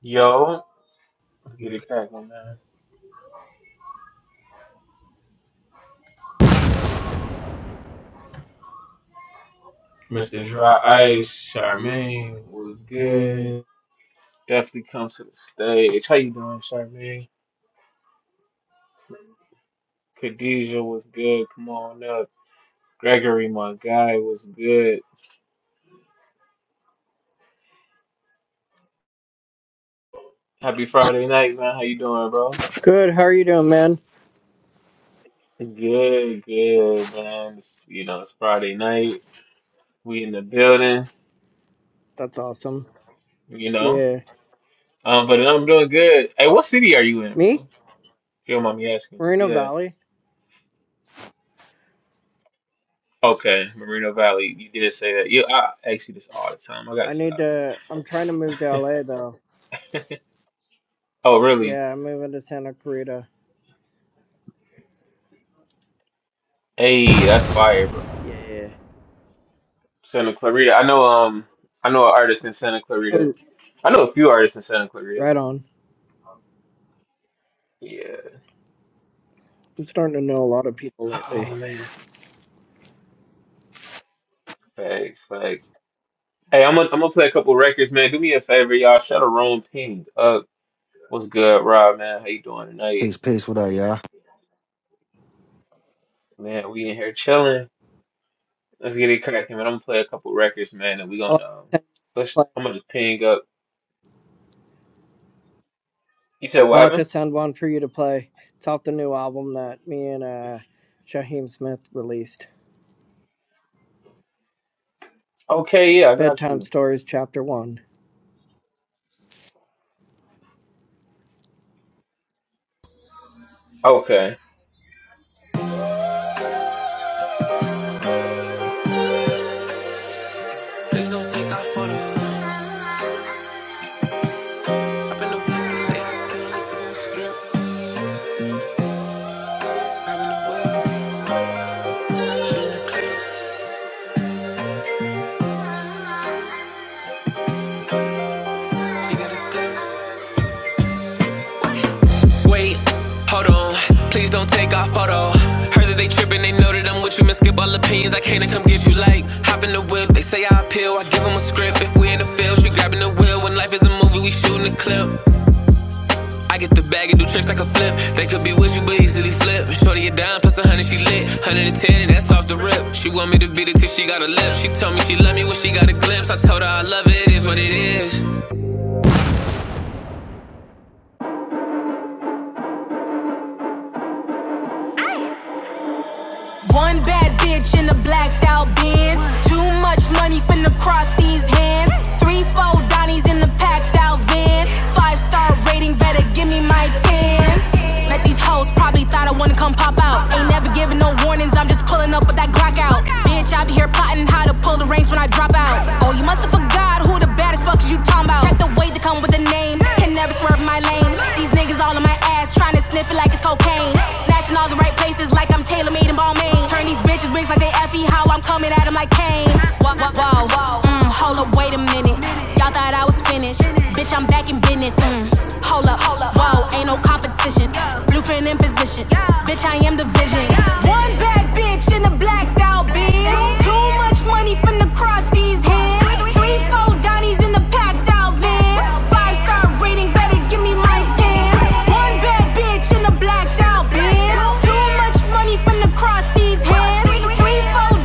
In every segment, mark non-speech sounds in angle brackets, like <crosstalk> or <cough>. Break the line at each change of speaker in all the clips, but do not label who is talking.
Yo,
Yo,
let's
let's
get
get
it.
it cracking, man.
Mr.
Mr.
Dry
Dry
Ice,
Ice, Charmaine
Charmaine
was
was
good.
good.
Definitely come to the stage. How you doing, Charmaine? Khadija was good. Come on up. Gregory, my guy, was good. Happy Friday night, man. How you doing, bro?
Good. How are you doing, man?
Good, good, man. It's, you know, it's Friday night. We in the building,
That's awesome.
you know.
Yeah.
Um, but I'm doing good. Hey, what city are you in,
Me?
bro? If you don't mind me asking.
Moreno
Yeah.
Valley.
Okay, Moreno Valley. You did say that. Yeah, I ask you this all the time. I gotta
I need
stop.
to. I'm trying to move to LA though.
<laughs> Oh, really?
Yeah, I'm moving to Santa Clarita.
Hey, that's fire, bro.
Yeah.
Santa Clarita. I know. Um, I know an artist in Santa Clarita.
Oh,
I know a few artists in Santa Clarita.
right on.
Yeah.
I'm starting to know a lot of people lately.
Oh man. Facts, facts. Hey, I'm gonna I'm gonna play a couple records, man. Do me a favor, y'all. Shout out Rome Ping up. What's good, Rob, man? How you doing tonight?
Peace, peace. What up, y'all?
Man, we in here chilling. Let's get it cracking, man. I'm gonna play a couple records, man, and we gonna
I'll
um,
have to send,
let's
play.
I'm gonna just ping up. You said what
I'll have
happened?
to send one for you to play. It's off the new album that me and uh, Shaheem Smith released.
Okay, yeah, I got
Bedtime
you.
Stories, Chapter One.
Okay.
Please don't think I photo. I've been the black and say I been a strip. Grabbing the wheel, she in the clip. She got a clip. Wait, hold on. Please don't take our photo. Heard that they tripping, they know that I'm with you. Man, skip all opinions. I can't come get you like hop in the whip. They say I appeal. I give them a script. If we in the field, she grabbing the wheel. When life is a movie, we shooting a clip. I get the bag and do tricks like a flip. They could be with you, but easily flip. Shorty a dime plus a hundred, she lit. Hundred and ten, that's off the rip. She want me to beat it till she got a lip. She told me she love me when she got a glimpse. I told her I love it, it is what it is. One bad bitch in a blacked out Benz. Too much money finna cross these hands. Three, four Donnies in the packed out van. Five star rating, better give me my tens. Met these hoes, probably thought I wanna come pop out. Ain't never giving no warnings, I'm just pulling up with that Glock out. Bitch, I be here plotting how to pull the reins when I drop out. Oh, you must have forgot who the baddest fuckers you talking about. Check the way to come with the name. Can never swerve my lane. These niggas all in my ass, trying to sniff it like pussy like it's cocaine. Snatching all the right places like I'm Taylor made and Balmain. Turn these bitches wigs like they Effie, how I'm coming at 'em like Kane. Whoa, whoa, whoa. Mm, hold up, wait a minute. Y'all thought I was finished. Bitch, I'm back in business. Mm. Hold up, whoa, ain't no competition. Blueprint in position. Bitch, I am the vision. One bad bitch in the blacked out biz. Too much money from the cross these hands. Three, four Two in the packed out van. Five star rating, better give me my tan. One bad bitch in a blacked out Benz. Too much money finna cross these hands. Three, four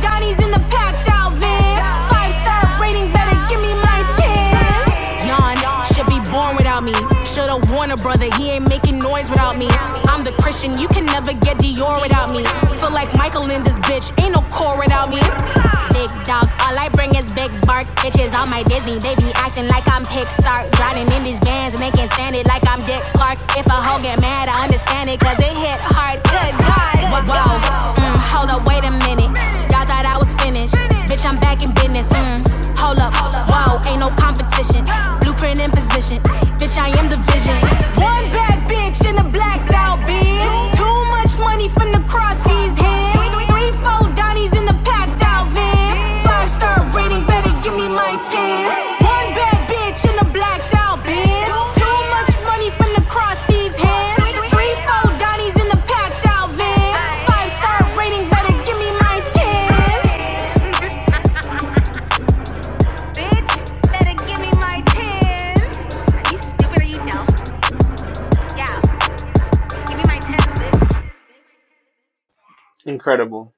in the packed out van. Five star rating, better give me my tan. Yawn, should be born without me. Should've warned brother, he ain't making noise without me. I'm the Christian, you can never get Dior without me. Feel like Michael in this bitch, ain't no core without me. Big dog. All I bring is big bark bitches. on my Disney, they be acting like I'm Pixar. Drowning in these bands and they can't stand it like I'm Dick Clark. If a hoe get mad, I understand it cause it hit hard. Good God. Whoa, whoa. Mm, hold up, wait a minute. Y'all thought I was finished. Bitch, I'm back in business. Mm, hold up. Whoa, ain't no competition. Blueprint in position. Bitch, I am the vision. One bad bitch in a blacked out bitch. Too much money from the cross these hands, three, three, three, four Donnies in the packed out van. Five star rating, better give me my ten. One bad bitch in a blacked out Benz. Too much money finna cross these hands. Three, three, three, four Donnies in the packed out van. Five star rating, better give me my ten. <laughs> Bitch, better give me my tens. Are you stupid or you dumb? Yeah, give me my tens, bitch.
Incredible.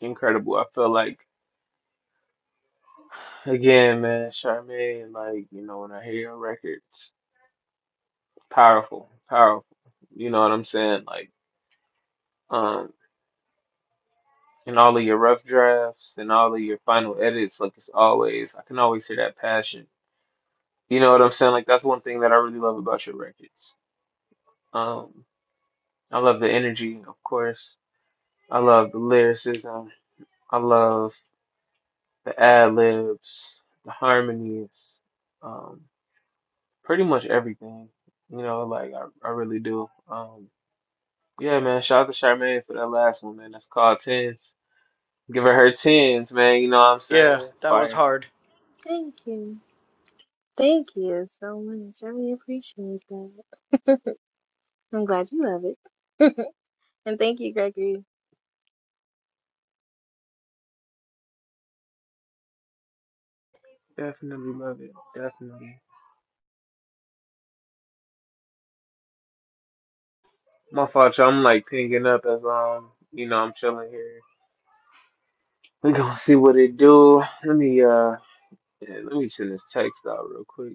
Incredible. I feel like, again, man, Charmaine, like, you know, when I hear your records, powerful, powerful. You know what I'm saying? Like, um, and all of your rough drafts and all of your final edits, like, it's always, I can always hear that passion. You know what I'm saying? Like, that's one thing that I really love about your records. Um, I love the energy, of course. I love the lyricism. I love the ad libs, the harmonies, um, pretty much everything. You know, like I, I really do. Um, yeah, man. Shout out to Charmaine for that last one, man. That's called tens. Give her her tens, man. You know what I'm
Yeah,
saying?
that was
Fire.
hard.
Thank you. Thank you so much. I really appreciate that. I'm glad you love it. And thank you, Gregory.
Definitely love it. Definitely. My fault, y'all. I'm like pinging up as um, you know, I'm chilling here. We gonna see what it do. Let me uh, yeah, let me send this text out real quick.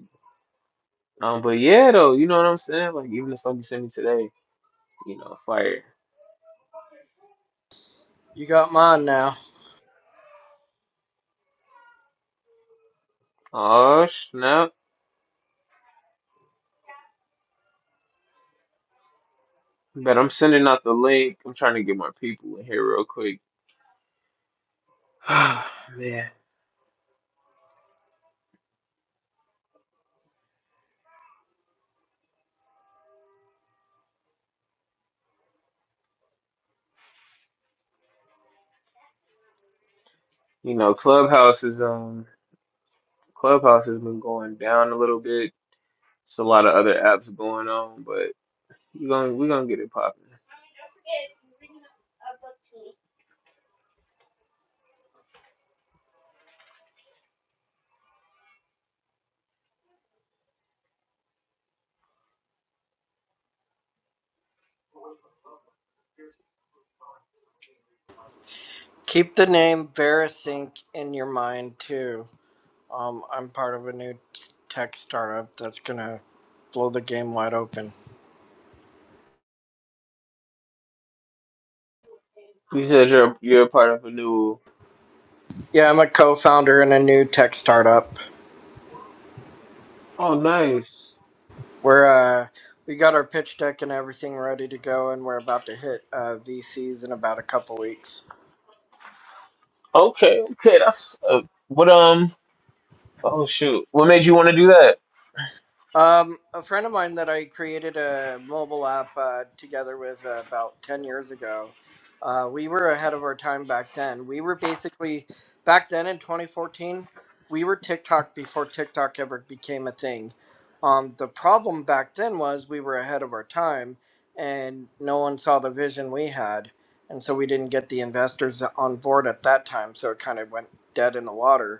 Um, but yeah, though, you know what I'm saying? Like even the stuff you sent me today, you know, fire.
You got mine now.
Oh snap! But I'm sending out the link. I'm trying to get my people in here real quick. <sighs> Man, you know, Clubhouse is um, Clubhouse has been going down a little bit. It's a lot of other apps going on, but you gonna we're gonna get it popping.
Keep the name Verisink in your mind too. Um, I'm part of a new tech startup that's gonna blow the game wide open.
You said you're you're a part of a new.
Yeah, I'm a co-founder in a new tech startup.
Oh, nice.
We're uh, we got our pitch deck and everything ready to go, and we're about to hit uh, VCs in about a couple weeks.
Okay, okay, that's uh, what um. Oh shoot, what made you want to do that?
Um, a friend of mine that I created a mobile app uh, together with uh, about 10 years ago, uh, we were ahead of our time back then. We were basically, back then in 2014, we were TikTok before TikTok ever became a thing. Um, the problem back then was we were ahead of our time and no one saw the vision we had. And so we didn't get the investors on board at that time. So it kind of went dead in the water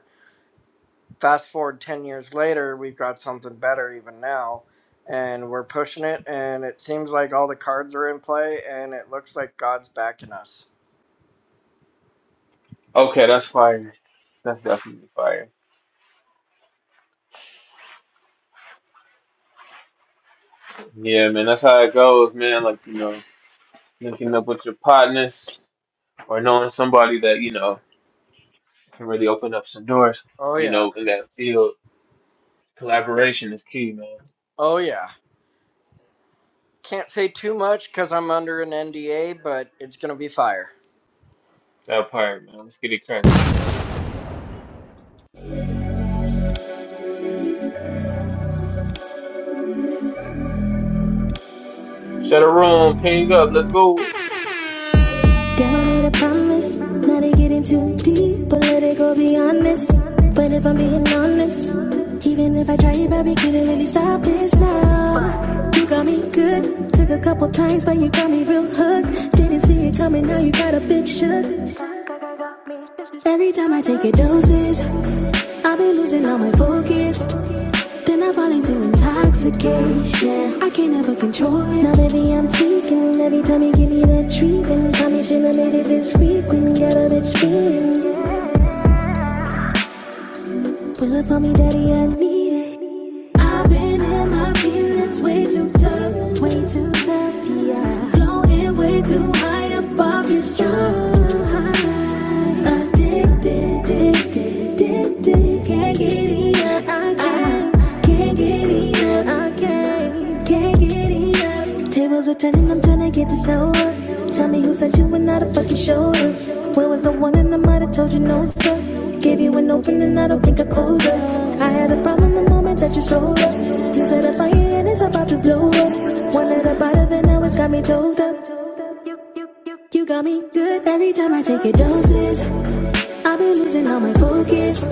fast forward 10 years later, we've got something better even now. And we're pushing it, and it seems like all the cards are in play, and it looks like God's backing us.
Okay, that's fire. That's definitely fire. Yeah, man, that's how it goes, man. Like you know. linking up with your partners or knowing somebody that you know can really open up some doors.
Oh,
You
yeah.
know, in that field, collaboration is key, man.
Oh, yeah. Can't say too much because I'm under an NDA, but it's going to be fire.
That part, man. Let's get it cracking. Shut a room, ping up, let's go.
Damn, I made a promise not to get in too deep, but let it go be honest. But if I'm being honest, even if I try, you probably couldn't really stop this now. You got me good, took a couple times, but you got me real hooked. Didn't see it coming, now you got a bitch shook. Every time I take a doses, I've been losing all my focus. Then I fall into intoxication. I can't ever control it. Now, baby, I'm tweaking. Every time you give me that treatment, I should have made it this frequent. Got a bitch feeling. yeah. Pull up on me, daddy, I need it. I've been in my feelings way too tough, way too tough, yeah. Blowing way too high above your stride. Addicted, addicted, addicted, can't get enough. I can't get enough. I can't, can't get enough. Tables are turning, I'm trying to get this over. Tell me who sent you and not a fucking shoulder. Where was the one that I might have told you no, sir? Gave you an opening, I don't think I closed it. I had a problem the moment that you strolled up. You set a fire and it's about to blow up. One little bite of it, now it's got me choked up. You got me good every time I take your doses. I've been losing all my focus.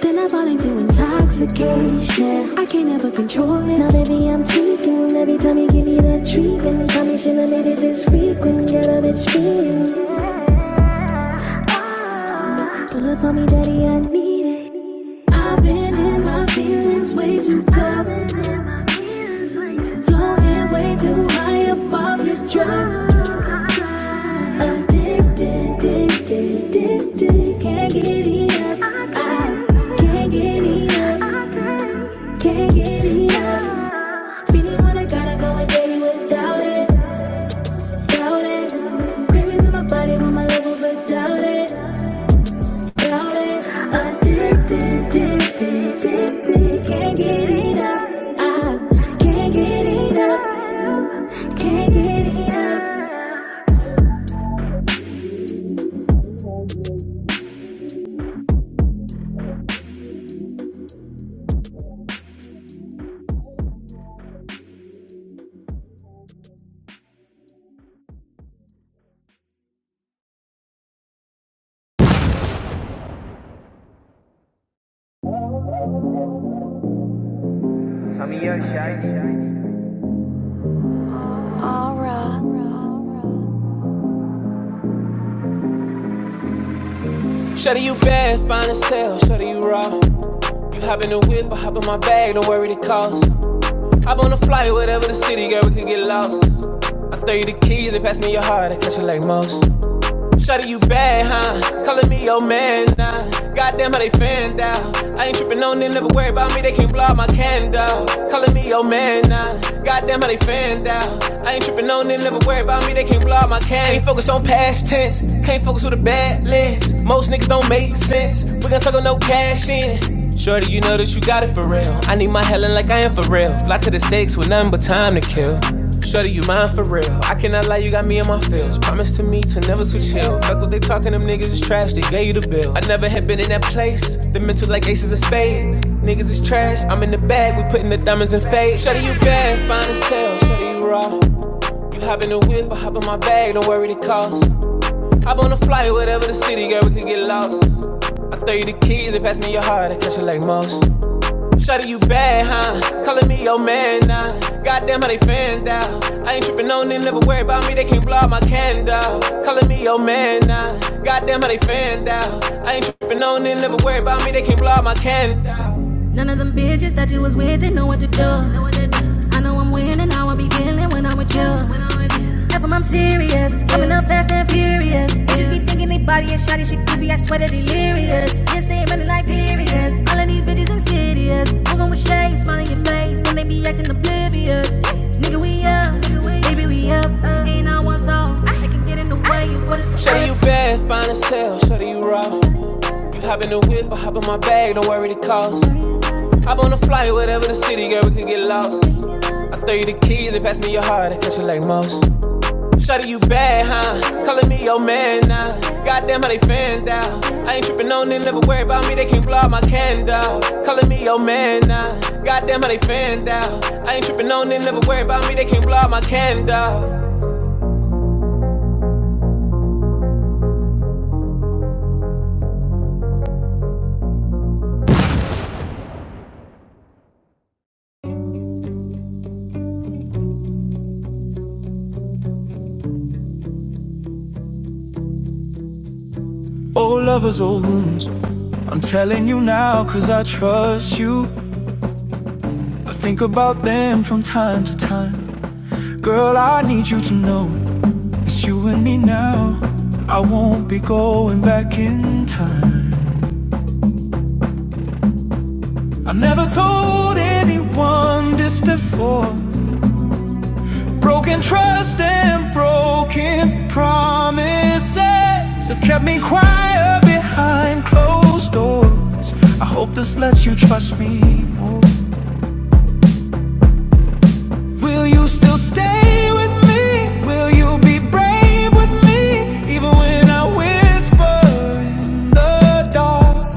Then I fall into intoxication. I can't ever control it. Now, baby, I'm tweaking. Every time you give me that treatment, tell me should have made it this frequent. Get a bitch feeling. Pull up on me, daddy, I need it. I've been in my feelings way too tough. Floating way too high above your drug. Addicted. Can't get enough. I can't get enough. Can't get enough. Really wanna gotta go without it, Cravings in my body when my levels without it, Addicted, addicted, addicted. Can't get enough. I can't get enough. Can't get enough. Aura. Shawty, you bad, fine as hell. Shawty, you raw. You hop in the whip, I hop in my bag, don't worry the cost. Hop on a flight, whatever the city, girl, we could get lost. I throw you the keys, and pass me your heart, I catch it like most. Shawty, you bad, huh? Calling me your man now. Nah. Goddamn how they fanned out. I ain't tripping on them, never worry about me, they can't blow out my candle. Calling me your man now. Nah. Goddamn how they fanned out. I ain't tripping on them, never worry about me, they can't blow out my candle. I Ain't focus on past tense, can't focus with a bad lens. Most niggas don't make sense. We gonna talk on no cash in. Shorty, you know that you got it for real. I need my Helen like I am for real. Fly to the six with nothing but time to kill. Shorty, you mine for real. I cannot lie, you got me in my feels. Promise to me to never switch hill. Fuck what they talking, them niggas is trash. They gave you the bill. I never had been in that place. The mental like aces of spades. Niggas is trash. I'm in the bag. We putting the diamonds in fade. Shorty, you bad, fine as hell. Shorty, you raw. You hop in the whip, I hop in my bag. Don't worry the cost. Hop on the flight, whatever the city, girl, we could get lost. I throw you the keys and pass me your heart. I catch it like most. Shawty, you bad, huh? Calling me your man now. Nah. Goddamn how they fanned out. I ain't tripping on them, never worry about me, they can't blow out my candle. Calling me your man now. Nah. Goddamn how they fanned out. I ain't tripping on them, never worry about me, they can't blow out my candle. None of them bitches that you was with, they know what to do. I know I'm winning, how I be feeling when I'm with you. That's when I'm serious, coming up fast and furious. Bitches be thinking they body and shotty shit goofy, I swear they're delirious. Yes, they ain't running like periods. All of these bitches insidious. Moving with shade, smiling your face, then they be acting oblivious. Nigga, we up, baby, we up. Ain't not one soul, they can get in the way of what is for Show you bad, fine as hell, show you raw. You hop in the whip, I hop in my bag, don't worry the cost. I'm on a flight, whatever the city, girl, we can get lost. I throw you the keys and pass me your heart and catch it like most. Shawty, you bad, huh? Calling me your man now. Goddamn how they fanned out. I ain't tripping on them, never worry about me, they can't blow out my candle. Calling me your man now. Goddamn how they fanned out. I ain't tripping on them, never worry about me, they can't blow out my candle. Old lovers, old wounds. I'm telling you now, cause I trust you. I think about them from time to time. Girl, I need you to know It's you and me now. I won't be going back in time. I never told anyone this before. Broken trust and broken promises have kept me quiet behind closed doors. I hope this lets you trust me more. Will you still stay with me? Will you be brave with me? Even when I whisper in the dark.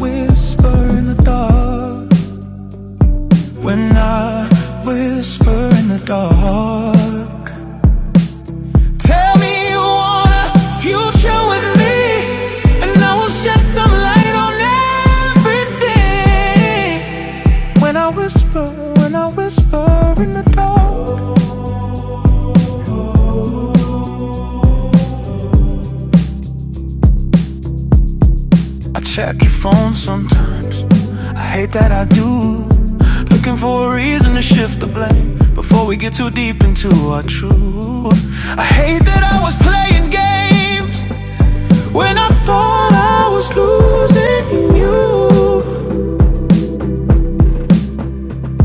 Whisper in the dark when I whisper in the dark. Tell me you want a future with me, and I will shed some light on everything. When I whisper, when I whisper in the dark, I check your phone sometimes. I hate that I do. Looking for a reason to shift the blame before we get too deep into our truth. I hate that I was playing games when I thought I was losing you.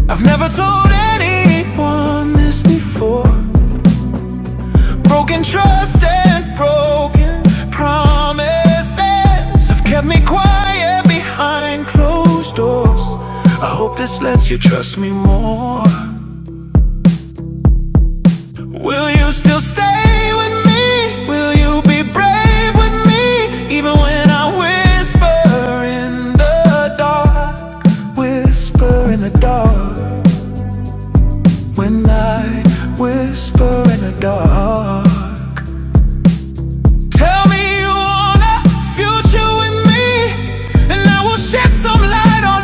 I've never told anyone this before. Broken trust and broken promises have kept me quiet behind closed doors. I hope this lets you trust me more. Will you still stay with me? Will you be brave with me? Even when I whisper in the dark, whisper in the dark. When I whisper in the dark. Tell me you want a future with me, and I will shed some light on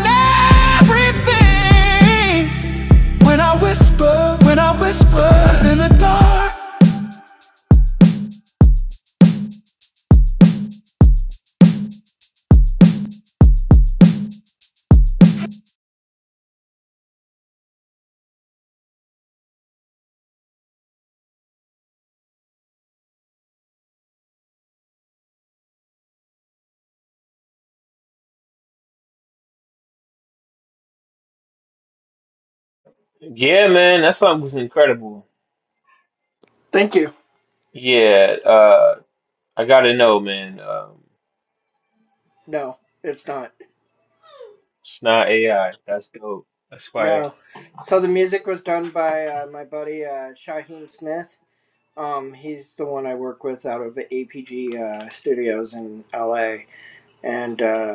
everything. When I whisper, when I whisper in the dark.
Yeah, man, that song was incredible.
Thank you.
Yeah, uh, I gotta know, man. Um,
No, it's not.
it's not AI. That's dope. That's fire.
No. So the music was done by uh, my buddy uh, Shaheem Smith. Um, he's the one I work with out of APG uh, Studios in LA and uh,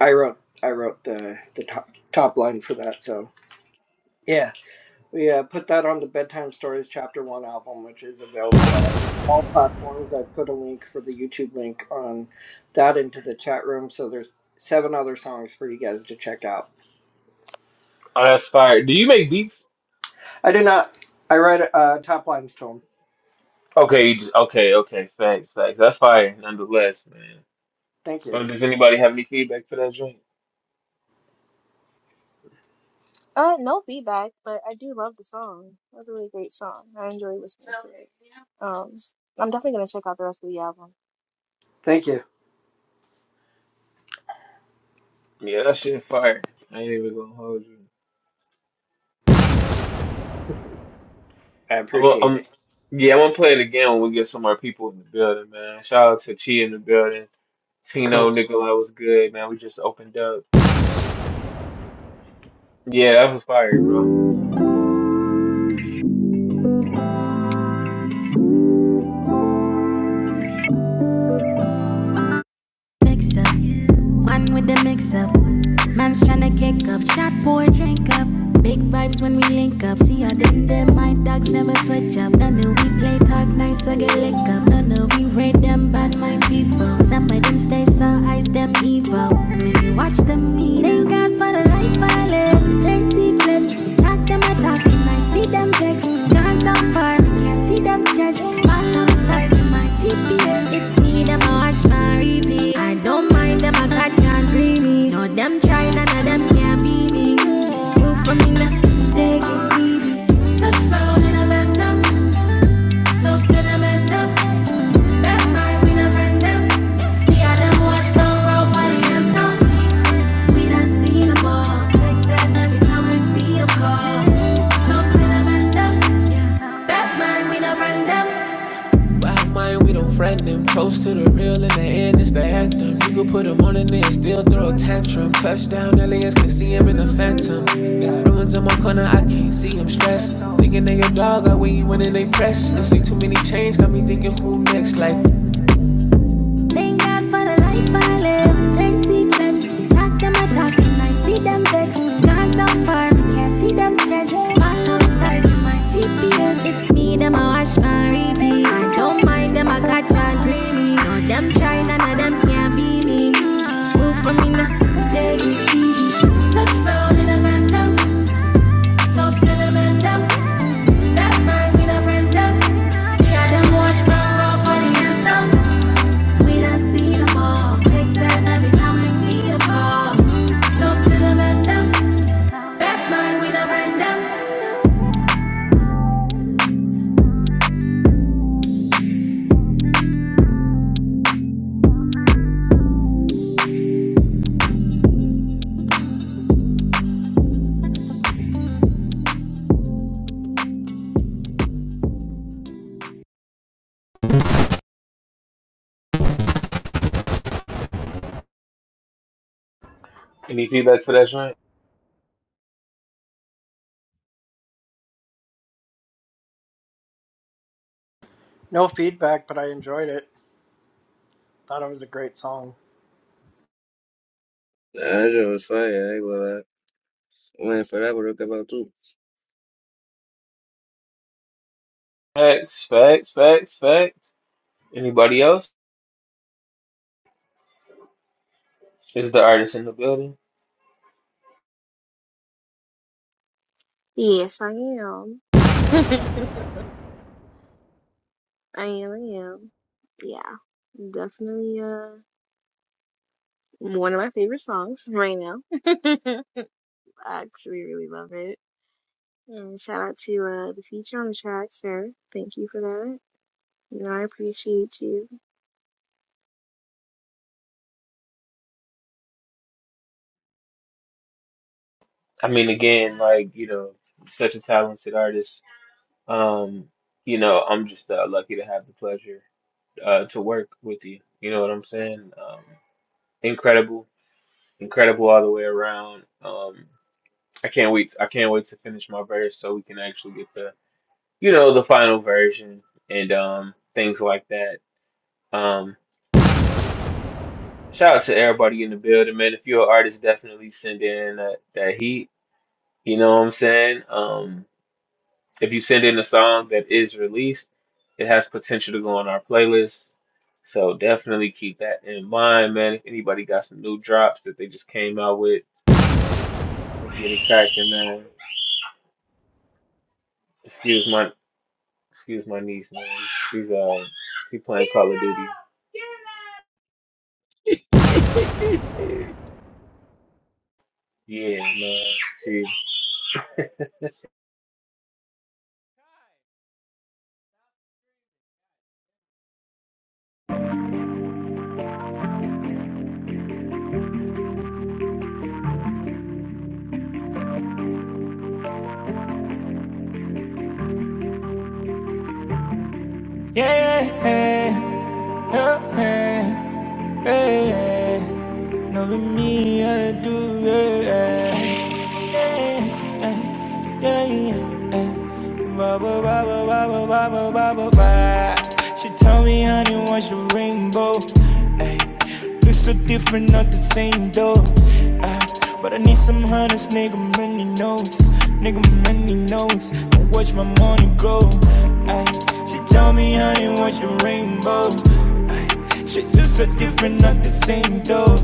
I wrote I wrote the the top top line for that. So yeah, we uh, put that on the bedtime stories chapter one album, which is available on all all platforms. I put a link for the YouTube link on that into the chat room. So there's seven other songs for you guys to check out.
Oh, that's fire. Do you make beats?
I did not. I write uh, top lines to them.
Okay, you just, okay, okay. Facts, facts. That's fire, nonetheless, man.
Thank you.
Oh, does anybody have any feedback for that joint?
Uh, no feedback, but I do love the song. That was a really great song. I enjoy listening to it. Um, I'm definitely gonna check out the rest of the album.
Thank you.
Yeah, that shit fire. I ain't even gonna hold you.
I
I'm, gonna-
appreciate
I'm,
it.
yeah, I'm gonna play it again when we get some more people in the building, man. Shout out to Chi in the building. Tino,
Cool.
Nikolai was good, man. We just opened up. Yeah, that was fire, bro.
Mix up, one with the mix up. Man's tryna kick up, shot pour, drink up. Big vibes when we link up. See how them them my dogs never switch up. None of we play talk nice or get lick up. None of we raid them bad mind people. Some of them stay so eyes them evil. Maybe watch them eat. Thank God for the life I live. Plenty bliss. Talk them a talking, I see them text. Dance so far, me can't see them stress. Bottom stars in my GPS. It's me them a watch my repeat. I don't mind them a catch and free me. No them try, none of them can be me. Move for me now, take it easy. Touch ground in a laptop. Toast to them and them. Mm, That night we done ran them. See how them watch front row for the anthem. We done seen 'em all. Like that every time we see 'em call. Toast to them and them. That night we done ran them. Wow, mind, we don't friend them. Toast to the real in the end, it's the anthem. You could put him on and then still throw a tantrum. Touchdown, aliens can see him in the phantom. Got ruins in my corner, I can't see him stressed. Thinking they your dog, I when you in and they press. They see too many change, got me thinking who next, like. Thank God for the life I live. Plenty blessed. Talk them a talk and I see them vex. Gone so far, I can't see them stress. Follow the stars in my GPS. It's me, them I watch my repeat. I don't mind them, I catch and greedy. No, them try, none of them can not be me. Move for me now, take it easy. Touch brown in a phantom, toast to the phantom. That man in a phantom. See how them watch from raw for the anthem. We done seen 'em all. Take that every time we see a call. Toast to the men, them. Back we done friend them.
Any feedback for that joint?
No feedback, but I enjoyed it. Thought it was a great song.
That shit was fire. I ain't gonna lie. Went for that one, look about too.
Facts, facts, facts, facts. Anybody else? Is the artist in the building?
Yes, I am. <laughs> I am. I am. Yeah, definitely. Uh, one of my favorite songs right now. <laughs> I actually really love it. And shout out to uh, the feature on the track, Sarah. Thank you for that. No, I appreciate you.
I mean, again, like, you know, such a talented artist. Um, you know, I'm just uh, lucky to have the pleasure uh, to work with you. You know what I'm saying? Um, incredible incredible all the way around. Um, I can't wait. I can't wait to finish my verse so we can actually get the you know the final version and um, things like that. Um, shout out to everybody in the building, man. If you're an artist, definitely send in that, that heat. You know what I'm saying? Um, if you send in a song that is released, it has potential to go on our playlist. So definitely keep that in mind, man. If anybody got some new drops that they just came out with, let's get it cracking, man. Excuse my Excuse my niece, man. She's uh, she playing Call of Duty. Yeah, man. She,
Yeah, yeah, yeah, yeah, yeah. No, me, I do, yeah, yeah, yeah, yeah. yeah. Bubba, bubba, bubba, bubba, bubba, bubba. She told me, honey, what's your rainbow? Ay, look so different, not the same though. Ah, but I need some hunters, nigga, many knows. Nigga, many knows. I watch my money grow. Ay, she told me, honey, what's your rainbow? Ay, Shit just so different, not the same though.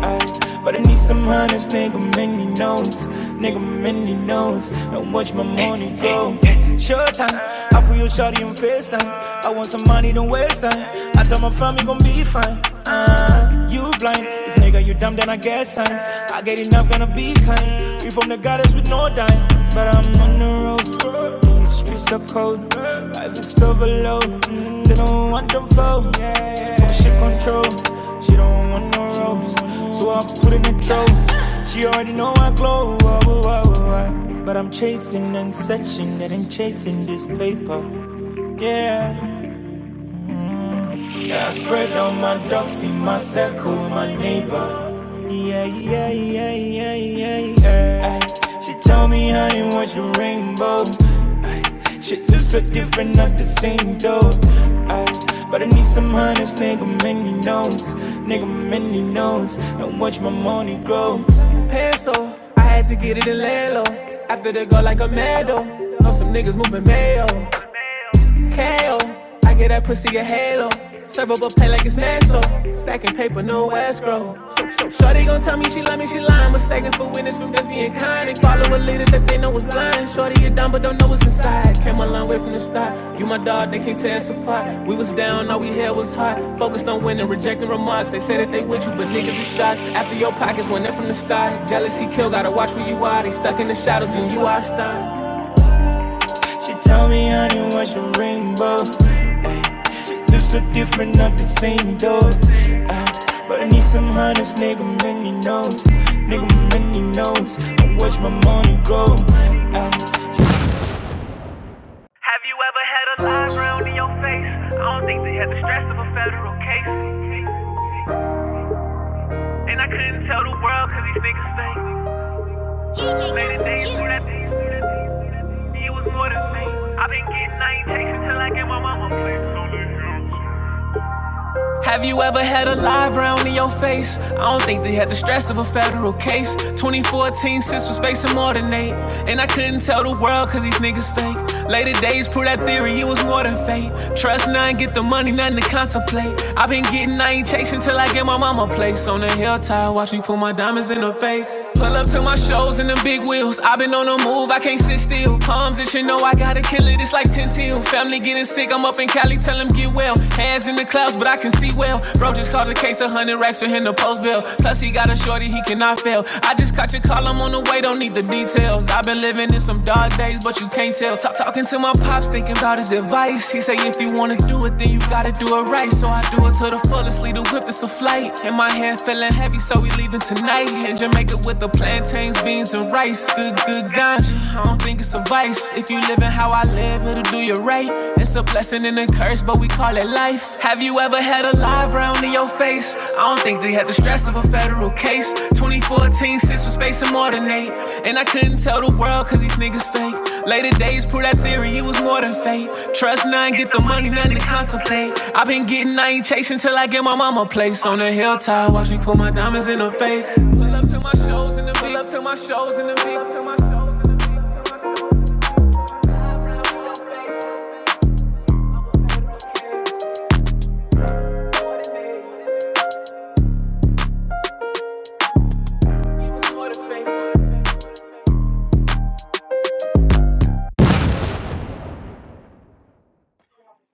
I, but I need some honest nigga, many knows. Nigga, many knows. And watch my money go. Short time, I put your shawty on FaceTime. I want some money, don't waste time. I tell my family, gon' be fine. Uh, you blind. If nigga, you dumb, then I guess I'm. I get enough, gonna be kind. We from the goddess with no dime. But I'm on the road. The streets are cold, life is so below. They don't want them flow. But she control, she don't want no rose. So I put in a throw. She already know I glow. Oh, oh, oh, oh. But I'm chasing and searching, that I'm chasing this paper. Yeah, yeah I spread out my dogs in my circle, my neighbor. Yeah, yeah, yeah, yeah, yeah, yeah. She tell me, honey, what's your rainbow? Shit looks so different, not the same though. I, but I need some honest nigga, many knows. Nigga, many knows. And watch my money grow. peso. I had to get it in lay low. After they go like a meadow, Know some niggas moving mayo. KO. I get that pussy a halo. Serve up a pay like it's Manso. Stacking paper, no escrow. Shorty gon' tell me she love me, she lying. Mistaken for witness from just being kind. And follow a leader that they know is blind. Shorty, you dumb, but don't know what's inside. Came a long way from the start. You my dog, they can't tear us apart. We was down, all we had was hot. Focused on winning, rejecting remarks. They say that they with you, but niggas is shots. After your pockets, went in from the start. Jealousy kill, gotta watch where you are. They stuck in the shadows, and you are star. She told me, honey, what's your rainbow? Just so different, not the same though. Uh, but I Have you ever had a live round in your face? I don't think they had the stress of a federal case. And I couldn't tell the world cause these niggas fake. Later days, knew that these- it was more than fake. I've been getting, I ain't chasing till I get my mama place. Have you ever had a live round in your face? I don't think they had the stress of a federal case. 2014, sis was facing more than eight. And I couldn't tell the world cause these niggas fake. Later days prove that theory, it was more than fate. Trust none, get the money, nothing to contemplate. i been getting, I ain't chasing till I get my mama a place. On the hilltop, watch me put my diamonds in her face. Pull up to my shows in them big wheels. i been on the move, I can't sit still. Palms, and you know I gotta kill it, it's like 10 till. Family getting sick, I'm up in Cali tell him get well. Hands in the clouds, but I can see well. Bro just called a case of 100 racks for him to post bail. Plus, he got a shorty, he cannot fail. I just caught your call, I'm on the way, don't need the details. I've been living in some dark days, but you can't tell. Talk, talking to my pops, thinking about his advice. He say, if you wanna do it, then you gotta do it right. So I do it to the fullest, lead the whip, it's a flight. And my hair feeling heavy, so we leaving tonight. In Jamaica with the plantains, beans, and rice. Good, good ganja, I don't think it's a vice. If you living how I live, it'll do you right. It's a blessing and a curse, but we call it life. Have you ever had a live round in your face? I don't think they had the stress of a federal case. 2014, sis was facing more than eight. And I couldn't tell the world cause these niggas fake. Later days prove that theory, it was more than fate. Trust none, get the money, nothing to contemplate. I've been getting, I ain't chasing till I get my mama place. On the hilltop, watch me put my diamonds in her face. Pull up to my shows in the big, up to my shows in the big, up to my shows in the big. up to my shows in the big.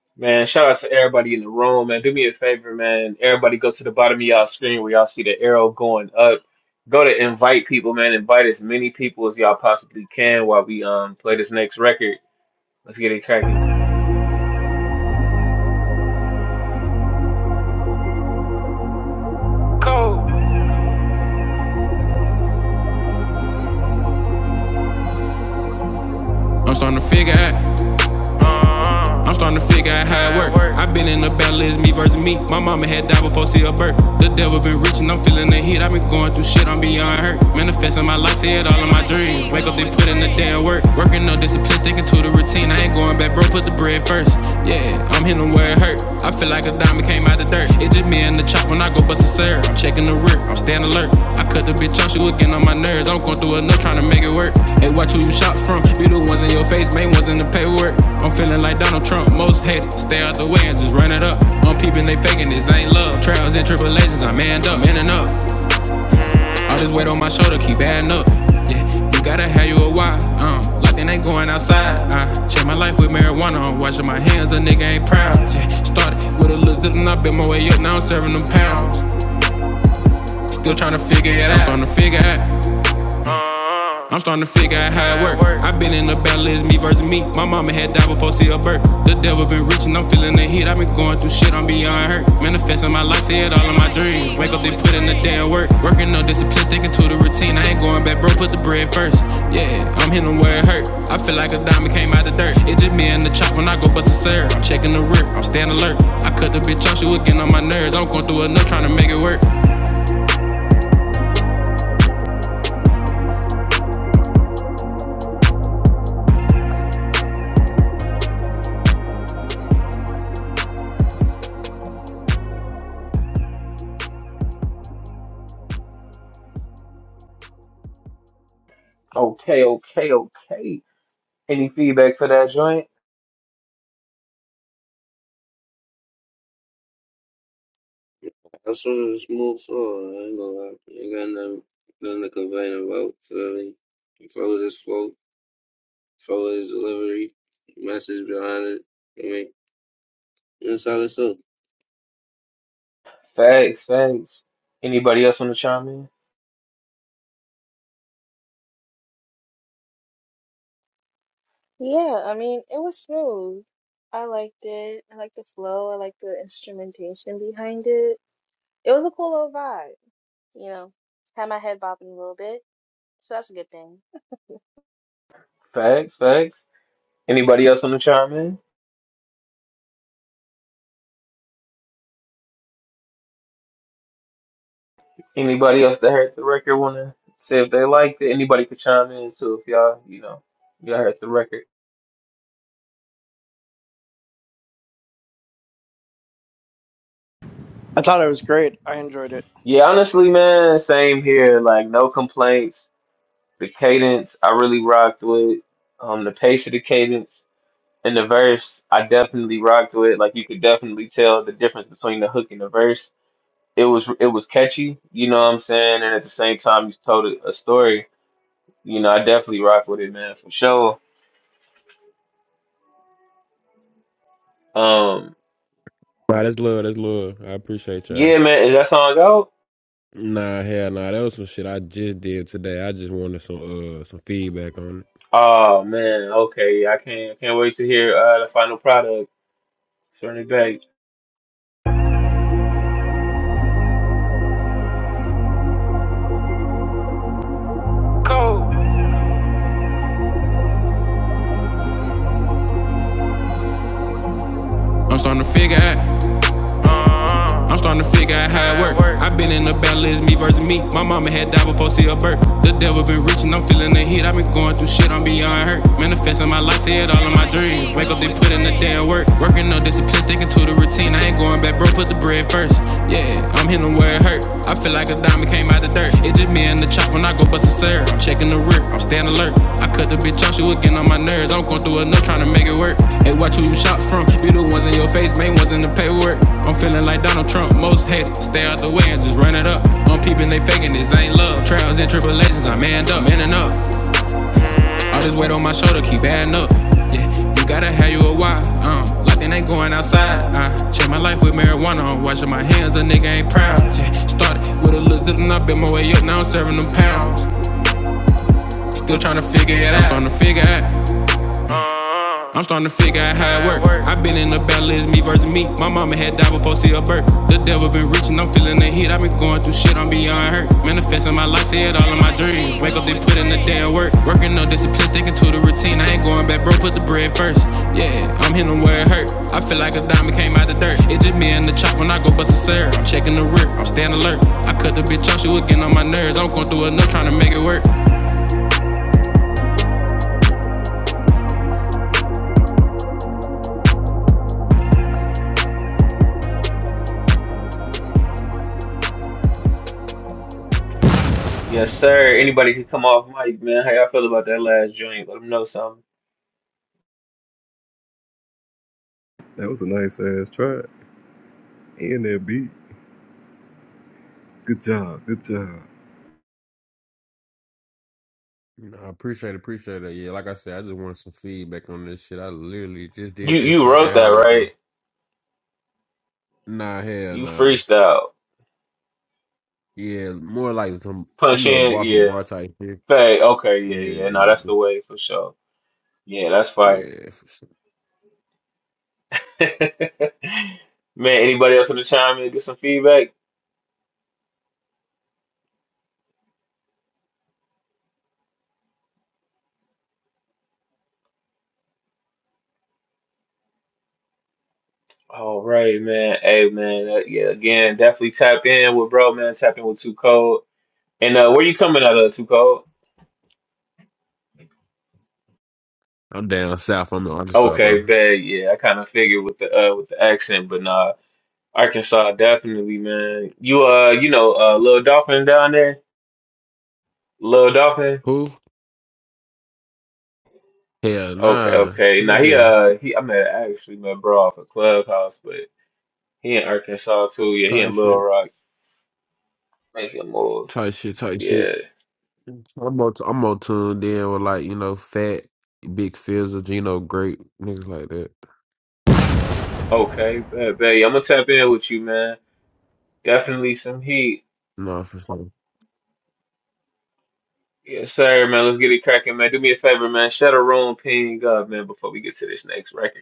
<laughs> man. Shout out to everybody in the room, man. Do me a favor, man. Everybody, go to the bottom of y'all screen where y'all see the arrow going up. Go to invite people, man. Invite as many people as y'all possibly can while we um play this next record. Let's get it cracking.
I'm starting to figure out. I'm starting to figure out how it work. I've been in the battle, it's me versus me. My mama had died before she her birth. The devil been reaching, I'm feeling the heat. I've been going through shit, I'm beyond hurt. Manifesting my life, see it all in my dreams. Wake up, then put in the damn work. Working no discipline, sticking to the routine. I ain't going back, bro. Put the bread first. Yeah, I'm hitting where it hurt. I feel like a diamond came out. out the dirt. It's just me and the chop when I go bust a serve. I'm checking the rear, I'm staying alert. I cut the bitch off, she was getting on my nerves. I'm going through enough trying to make it work. Hey, watch who you shot from. Be the ones in your face, main ones in the paperwork. I'm feeling like Donald Trump, most hated. Stay out the way and just run it up. I'm peeping, they faking this ain't love. Trials and tribulations, I am manned up, manning up. All this weight on my shoulder keep adding up. Yeah, you gotta have you a why. Um, like they ain't going outside. I check my life with marijuana. I'm washing my hands, a nigga ain't proud. Yeah, started with a little zip and I been my way up. Now I'm serving them pounds. Still trying to figure it out. I'm trying to figure out. I'm starting to figure out how it work. I've been in the battle, it's me versus me. My mama had died before she a birth. The devil been reaching, I'm feeling the heat. I've been going through shit, I'm beyond hurt. Manifesting my life, see it all in my dreams. Wake up, then put in the damn work. Working no discipline, sticking to the routine. I ain't going back, bro, put the bread first. Yeah, I'm hitting where it hurt. I feel like a diamond came out the dirt. It's just me and the chop when I go bust a serve. I'm checking the rear, I'm staying alert. I cut the bitch off, she was getting on my nerves. I'm going through enough trying to make it work.
Okay, okay, okay. Any feedback for that joint?
I saw this move forward. I ain't gonna lie. You got nothing, nothing to complain about. Feel me? Flow this flow, flow this delivery, message behind it. I mean, that's how it's up.
Facts, facts. Anybody else want to chime in?
Yeah, I mean, it was smooth. I liked it. I liked the flow. I liked the instrumentation behind it. It was a cool little vibe, you know. Had my head bobbing a little bit, so that's a good thing.
Facts, facts. Anybody else want to chime in? Anybody else that heard the record wanna say if they liked it? Anybody could chime in too if y'all, you know, y'all heard the record.
I thought it was great. I enjoyed it.
Yeah, honestly, man, same here. Like no complaints. The cadence I really rocked with. Um the pace of the cadence and the verse I definitely rocked with. Like you could definitely tell the difference between the hook and the verse. It was it was catchy, you know what I'm saying? And at the same time you told a a story. You know, I definitely rocked with it, man, for sure. Um
Nah, that's love. That's love. I appreciate y'all.
yeah, man, is that song out?
Nah, hell nah. That was some shit I just did today. I just wanted some uh some feedback on it.
Oh man, okay. I can't I can't wait to hear uh the final product. Turn it back.
I'm starting to figure out I'm starting to figure out how it work. I've been in the battle, it's me versus me. My mama had died before she her birth. The devil been reaching, I'm feeling the heat. I've been going through shit, I'm beyond hurt. Manifesting my life, see it all in my dreams. Wake up, then put in the damn work. Working no discipline, sticking to the routine. I ain't going back, bro, put the bread first. Yeah, I'm hitting where it hurt. I feel like a diamond came out the dirt. It's just me and the chop when I go bust a serve. I'm checking the rear, I'm staying alert. I cut the bitch off, she was getting on my nerves. I'm going through enough trying to make it work. Hey, watch who you shot from. Be the ones in your face, main ones in the paperwork. I'm feeling like Donald Trump, most hated. Stay out the way and just run it up. I'm peeping, they faking, this ain't love. Trials and tribulations, I manned up, manning up. All this weight on my shoulder, keep adding up. Yeah, you gotta have you a why. Um, like they ain't going outside. I check my life with marijuana, I'm washing my hands, a nigga ain't proud. Yeah, started with a little zip and I been my way up, now I'm serving them pounds. Still tryna figure it out. I'm trying to figure out. I'm starting to figure out how it work. i have been in the battle, it's me versus me. My mama had died before see her birth. The devil been reaching, I'm feeling the heat. i have been going through shit, I'm beyond hurt. Manifesting my life, see it all in my dreams. Wake up, then put in the damn work. Working no discipline, sticking to the routine. I ain't going back, bro, put the bread first. Yeah, I'm hitting where it hurt. I feel like a diamond came out the dirt. It's just me and the chop when I go bust a serve. I'm checking the rear, I'm staying alert. I cut the bitch off, she was getting on my nerves. I'm going through enough trying to make it work.
Yes, sir. Anybody can come off mic, man. How y'all feel about that last joint? Let them know something.
That was a nice ass track. And that beat. Good job. Good job.
You know, I appreciate appreciate it. Yeah, like I said, I just wanted some feedback on this shit. I literally just
You
did this
you
shit like an
wrote that,
hour ago.
right?
Nah, hell
You
nah.
freestyle.
Yeah, more like some you
Punch
know
in,
bar for
yeah.
bar type shit.
Fade. Okay, yeah, yeah. No, that's
Yeah,
the way for sure. Yeah, that's fire.
yeah. for sure.
<laughs> Man, anybody else want to chime in, get some feedback? All right, man. Hey, man. Uh, yeah, again, definitely tap in with bro, man. Tap in with Too Cold. And uh, where you coming out of, Too Cold?
I'm down south. I'm in Arkansas, bro.
Okay, bad. Yeah, I kind of figured with the uh with the accent, but nah, Arkansas definitely, man. You uh, you know, uh, Lil Dolphin down there, Lil Dolphin.
Who? Hell
Okay,
nah.
okay.
Who
Now
that
he
is?
uh he I met actually met bro off a clubhouse, but he in Arkansas too. Yeah, he
Tight
in Little
shit.
Rock making moves.
Tight shit. Tight shit.
Yeah.
I'm more, I'm more tuned in with like you know, fat, big fizzle Gino, great niggas like that.
Okay, bad, bad. Yeah, I'm gonna tap in with you, man. Definitely some heat.
No, for sure.
Yes, sir, man. Let's get it cracking, man. Do me a favor, man. Shut a room, ping up, man, before we get to this next record.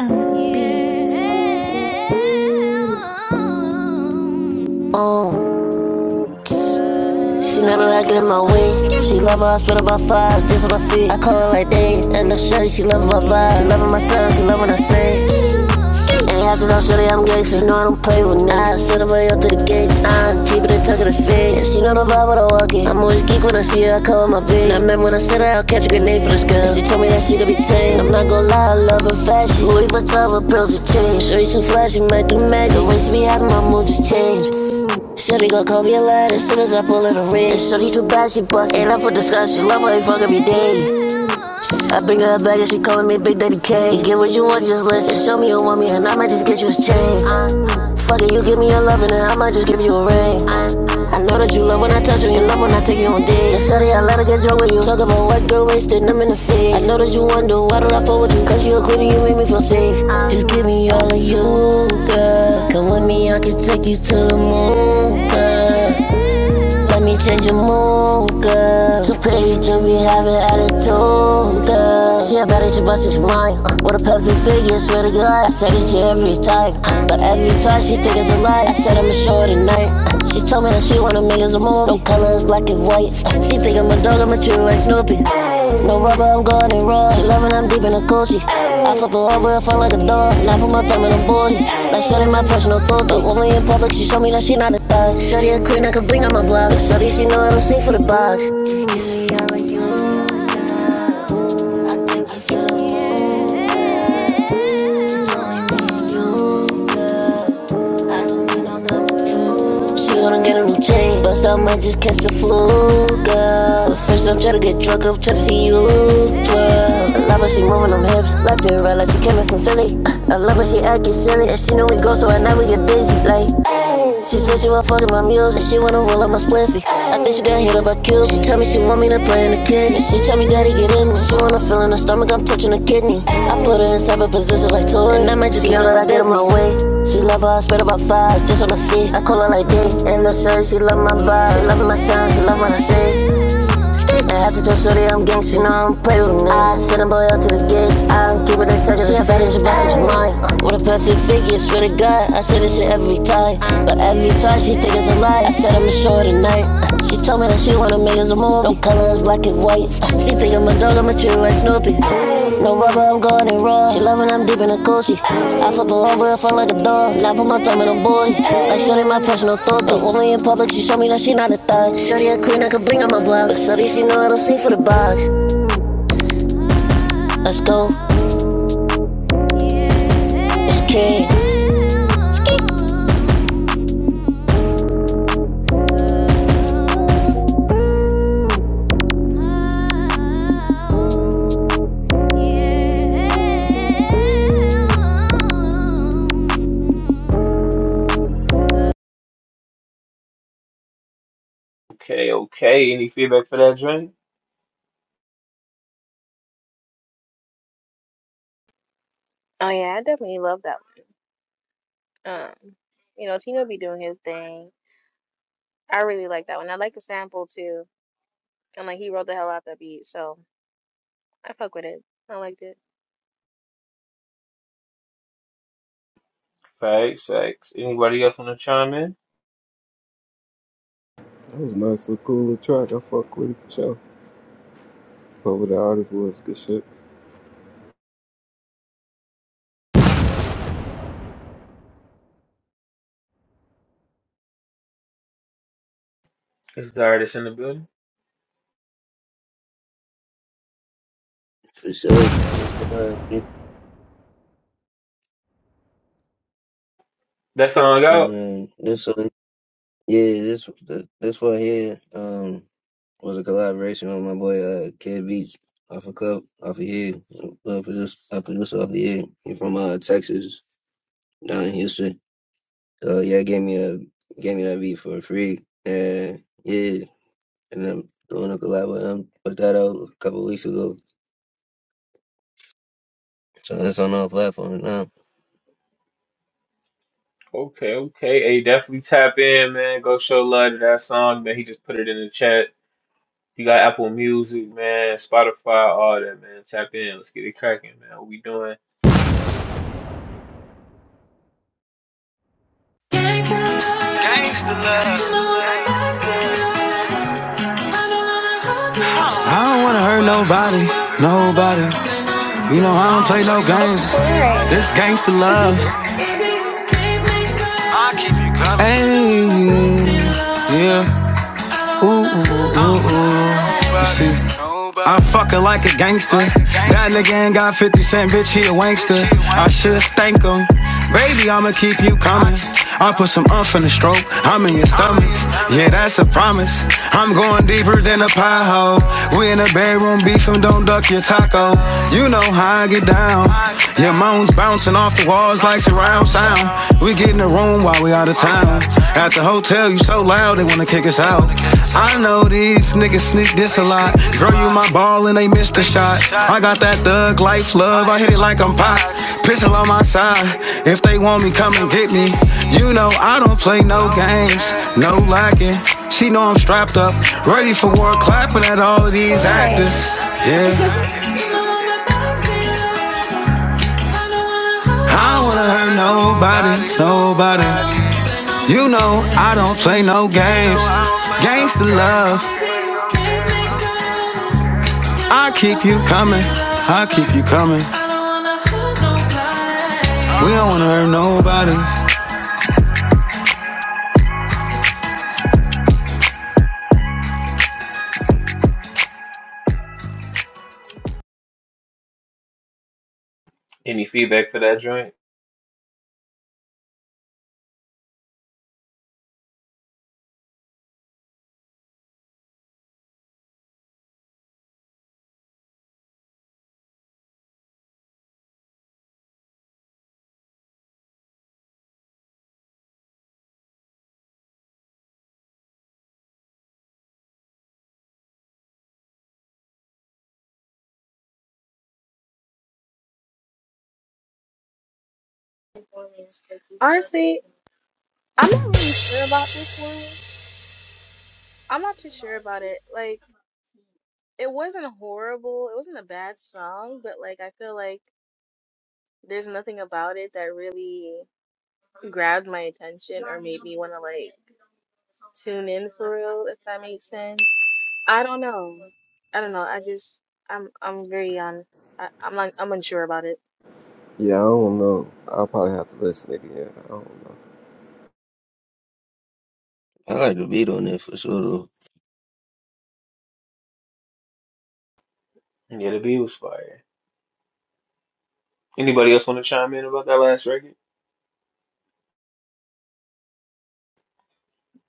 When I say, I on my bitch. I remember when they first girl. She told me that she could be changed. I'm not gonna lie, I love her fashion. Louis Vuitton with pearls and chains. Shorty too flashy, might do magic. The way she be acting, my mood just changed. Shorty gon' call me a lad as soon as I pull her the red. Shorty too bad, she bust. Ain't up for discussion. Love her, you fuck every day. I bring her back and she calling me Big Daddy K. You get what you want, just listen. Show me you want me, and I might just get you a chain. Fuck it, you give me your loving and then I might just give you a ring. I know that you love when I touch you, you love when I take you on dates. Just shorty, I let her get drunk with you. Talk about what girl wasted, I'm in the face. I know that you wonder why do I fall with you. Cause you a cutie, you make me feel safe. Just give me all of you, girl. Come with me, I can take you to the moon, girl. Let me change your mood, girl. Too pretty to be having attitude, girl. She a baddie, she bustin', she mine. Uh, with a perfect figure, swear to God. I say this shit every time. Uh, but every time she think it's a lie. I said I'ma show her tonight. Uh, she told me that she wanna make us a move. No colors, black and white. Uh, she think I'm a dog, I'ma treat her like Snoopy. Hey. No rubber, I'm going and raw. She loving, I'm deep in a coochie. I flip her over, I fall like a dog. And I put my thumb in her booty. Like shutting my personal thought. But when we in public, she show me that she not a thug. Shorty a queen, I can bring on my block. Shorty, she know I don't sing for the box. Just give me all of you. I take you to the moon. Just me all you. I don't need no number two. She gonna get a routine, bust out might just catch the flu, girl. But first I'm tryna get drunk, I'm tryna see you, girl. I love how she moving them hips, left and right like she coming from Philly. I love how she acting silly, and she know we go, so at night we get busy, like. She said she was fucking my music, she wanna roll up my spliffy. I think she got hit up by Cupid. She tell me she want me to play in the kitchen. And she tell me daddy get in me. She wanna feel in her stomach, I'm touching her kidney. I put her in separate positions like toy. And I might just yell that I did him my way. She love her, I spit about five, just on the feet. I call her like dick. And no shirt, she love my vibe. She love my sound, she love what I say. After your shorty, I'm gangsta, you know I don't play with them niggas. I send a boy up to the gig, I don't keep it in touch, it's fat as your boss, it's mine. What a perfect figure, swear to God, I say this shit every time. But every time she think it's a lie, I said I'ma show her tonight. She told me that she wanna make us a move, no color is black and white whites. She think I'm a dog, I'm a true like Snoopy. No rubber, I'm going in raw. She loving, I'm deep in a coochie. I flip her over, I fall like a dog. Now I put my thumb in a boy. Like shorty, my personal thought. The woman in public, she show me that she not a thug. Shorty a queen, I could bring on my block. But shorty, she know I don't sleep for the box. Let's go. It's kid. Yeah.
Okay, okay. Any feedback for that drink?
Oh yeah, I definitely love that one. Um, you know, Tino be doing his thing. I really like that one. I like the sample too, and like he wrote the hell out that beat, so I fuck with it. I liked it.
Facts, facts. Anybody else want to chime in?
That was a nice little cool little track. I fuck with it for sure. Whoever the artist was, good shit.
It's the artist in the building?
For sure. It's like,
That's That song out?
Um, this one, yeah, this this one here um was a collaboration with my boy uh Kid Beats off a cup off of here. Uh, producer, I producer off the year. He from uh Texas. down in Houston. So yeah, gave me a gave me that beat for free, and yeah, and I'm doing a collab with him. Put that out a couple weeks ago, so it's on all platforms now.
Okay, okay. Hey, definitely tap in, man. Go show love to that song, man. He just put it in the chat. You got Apple Music, man, Spotify, all that, man. Tap in. Let's get it cracking, man. What we doing?
I don't wanna hurt nobody, nobody. You know I don't play no games. This gangster love, ayy, yeah. Ooh, ooh, ooh, ooh. You see, I'm fucking like a gangster. That nigga ain't got 50 cent, bitch, he a wankster. I should stank him. Baby, I'ma keep you coming. I put some umph in the stroke, I'm in your stomach. Yeah, that's a promise. I'm going deeper than a pie hole. We in the bedroom beefing, don't duck your taco. You know how I get down. Your moans bouncing off the walls like surround sound. We get in the room while we out of town. At the hotel, you so loud they wanna kick us out. I know these niggas sneak this a lot. Girl, you my ball and they missed the shot. I got that thug life love, I hit it like I'm pop. Pistol on my side. If they want me, come and get me. You know I don't play no games, no lacking. She know I'm strapped up, ready for war, clapping at all these actors. Yeah, I don't wanna nobody, nobody play no games. Gangsta love, I keep you coming, I keep you coming. We don't wanna hurt nobody.
Any feedback for that joint?
Honestly, I'm not really sure about this one. I'm not too sure about it. Like. it wasn't horrible. It wasn't a bad song, but like I feel like there's nothing about it that really grabbed my attention or made me want to like tune in for real, if that makes sense. I don't know. I don't know. I just I'm I'm very on. I, I'm like I'm unsure about it.
Yeah, I don't know. I'll probably have to listen again. I don't know.
I like the beat on it for sure. Though.
Yeah, the beat was fire. Anybody else want to chime in about that last record?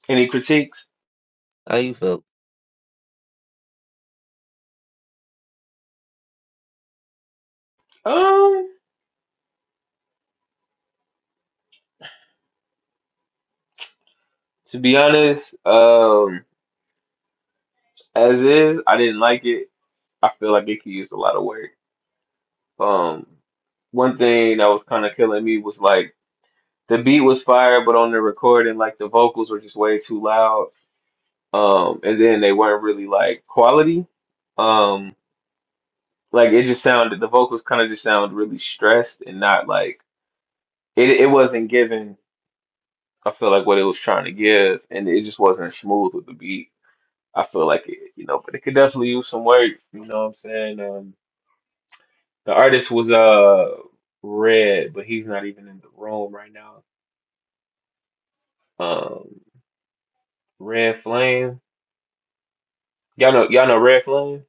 Any critiques?
How you felt?
Um, to be honest, um, as is, I didn't like it. I feel like it could use a lot of work. Um, one thing that was kind of killing me was like the beat was fire, but on the recording, like the vocals were just way too loud. Um, and then they weren't really like quality. Um, like it just sounded the vocals kind of just sound really stressed and not like it. It wasn't giving. I feel like what it was trying to give, and it just wasn't smooth with the beat. I feel like it, you know, but it could definitely use some work. You know what I'm saying? Um. The artist was uh Red, but he's not even in the room right now. Um, Red Flame. Y'all know y'all know Red Flame?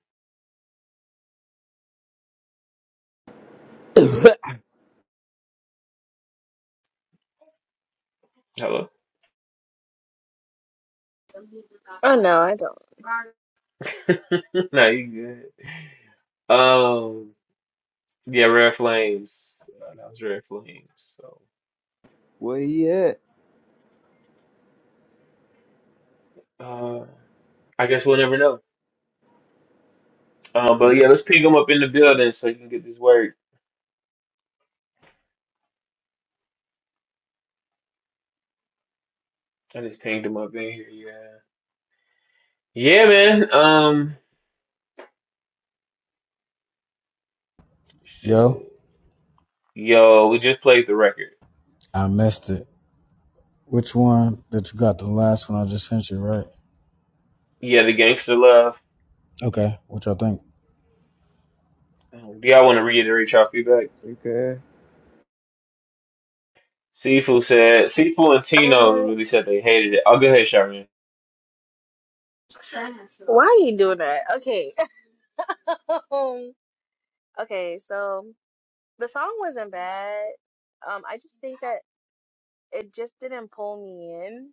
Hello.
Oh no, I don't.
<laughs> nah, you good. Um, yeah, Red Flames. Uh, that was Red Flames. So
Where he at?
uh, I guess we'll never know. Um, but
Eh,
yeah, let's ping him up in the building so you can get this work. I just pinged him up in here. Yeah. Yeah, man. Um,
Yo,
shit. Yo, we just played the record.
I missed it. Which one that you got? The last one I just sent you, right?
Yeah, the Gangster Love.
Okay. What y'all think?
Do y'all want to reiterate y'all feedback?
okay.
Sifu said, Sifu and Tino
Uh,
really said they hated it. I'll go ahead, Sharon.
why are you doing that? Okay. <laughs> Um, okay, so the song wasn't bad. Um, I just think that it just didn't pull me in.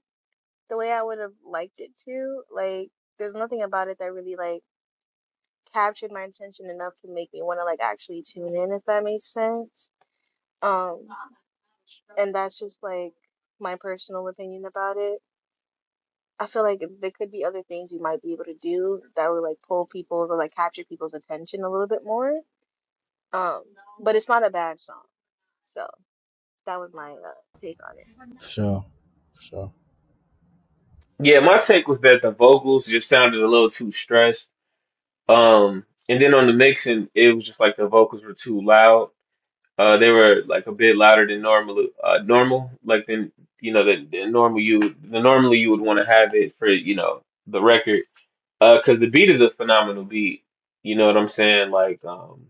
the way I would have liked it to. Like, there's nothing about it that really like captured my attention enough to make me want to like actually tune in, if that makes sense. Um, and that's just like my personal opinion about it. I feel like there could be other things we might be able to do that would like pull people's or like capture people's attention a little bit more. Um, but it's not a bad song. So that was my uh, take on it.
For sure. For sure.
Yeah, my take was that the vocals just sounded a little too stressed. Um, and then on the mixing, it was just like the vocals were too loud. Uh, they were like a bit louder than normal, uh, normal, like than you know, than, than normal you, the normally you would want to have it for, you know, the record. Uh, cause the beat is a phenomenal beat. You know what I'm saying? Like, um.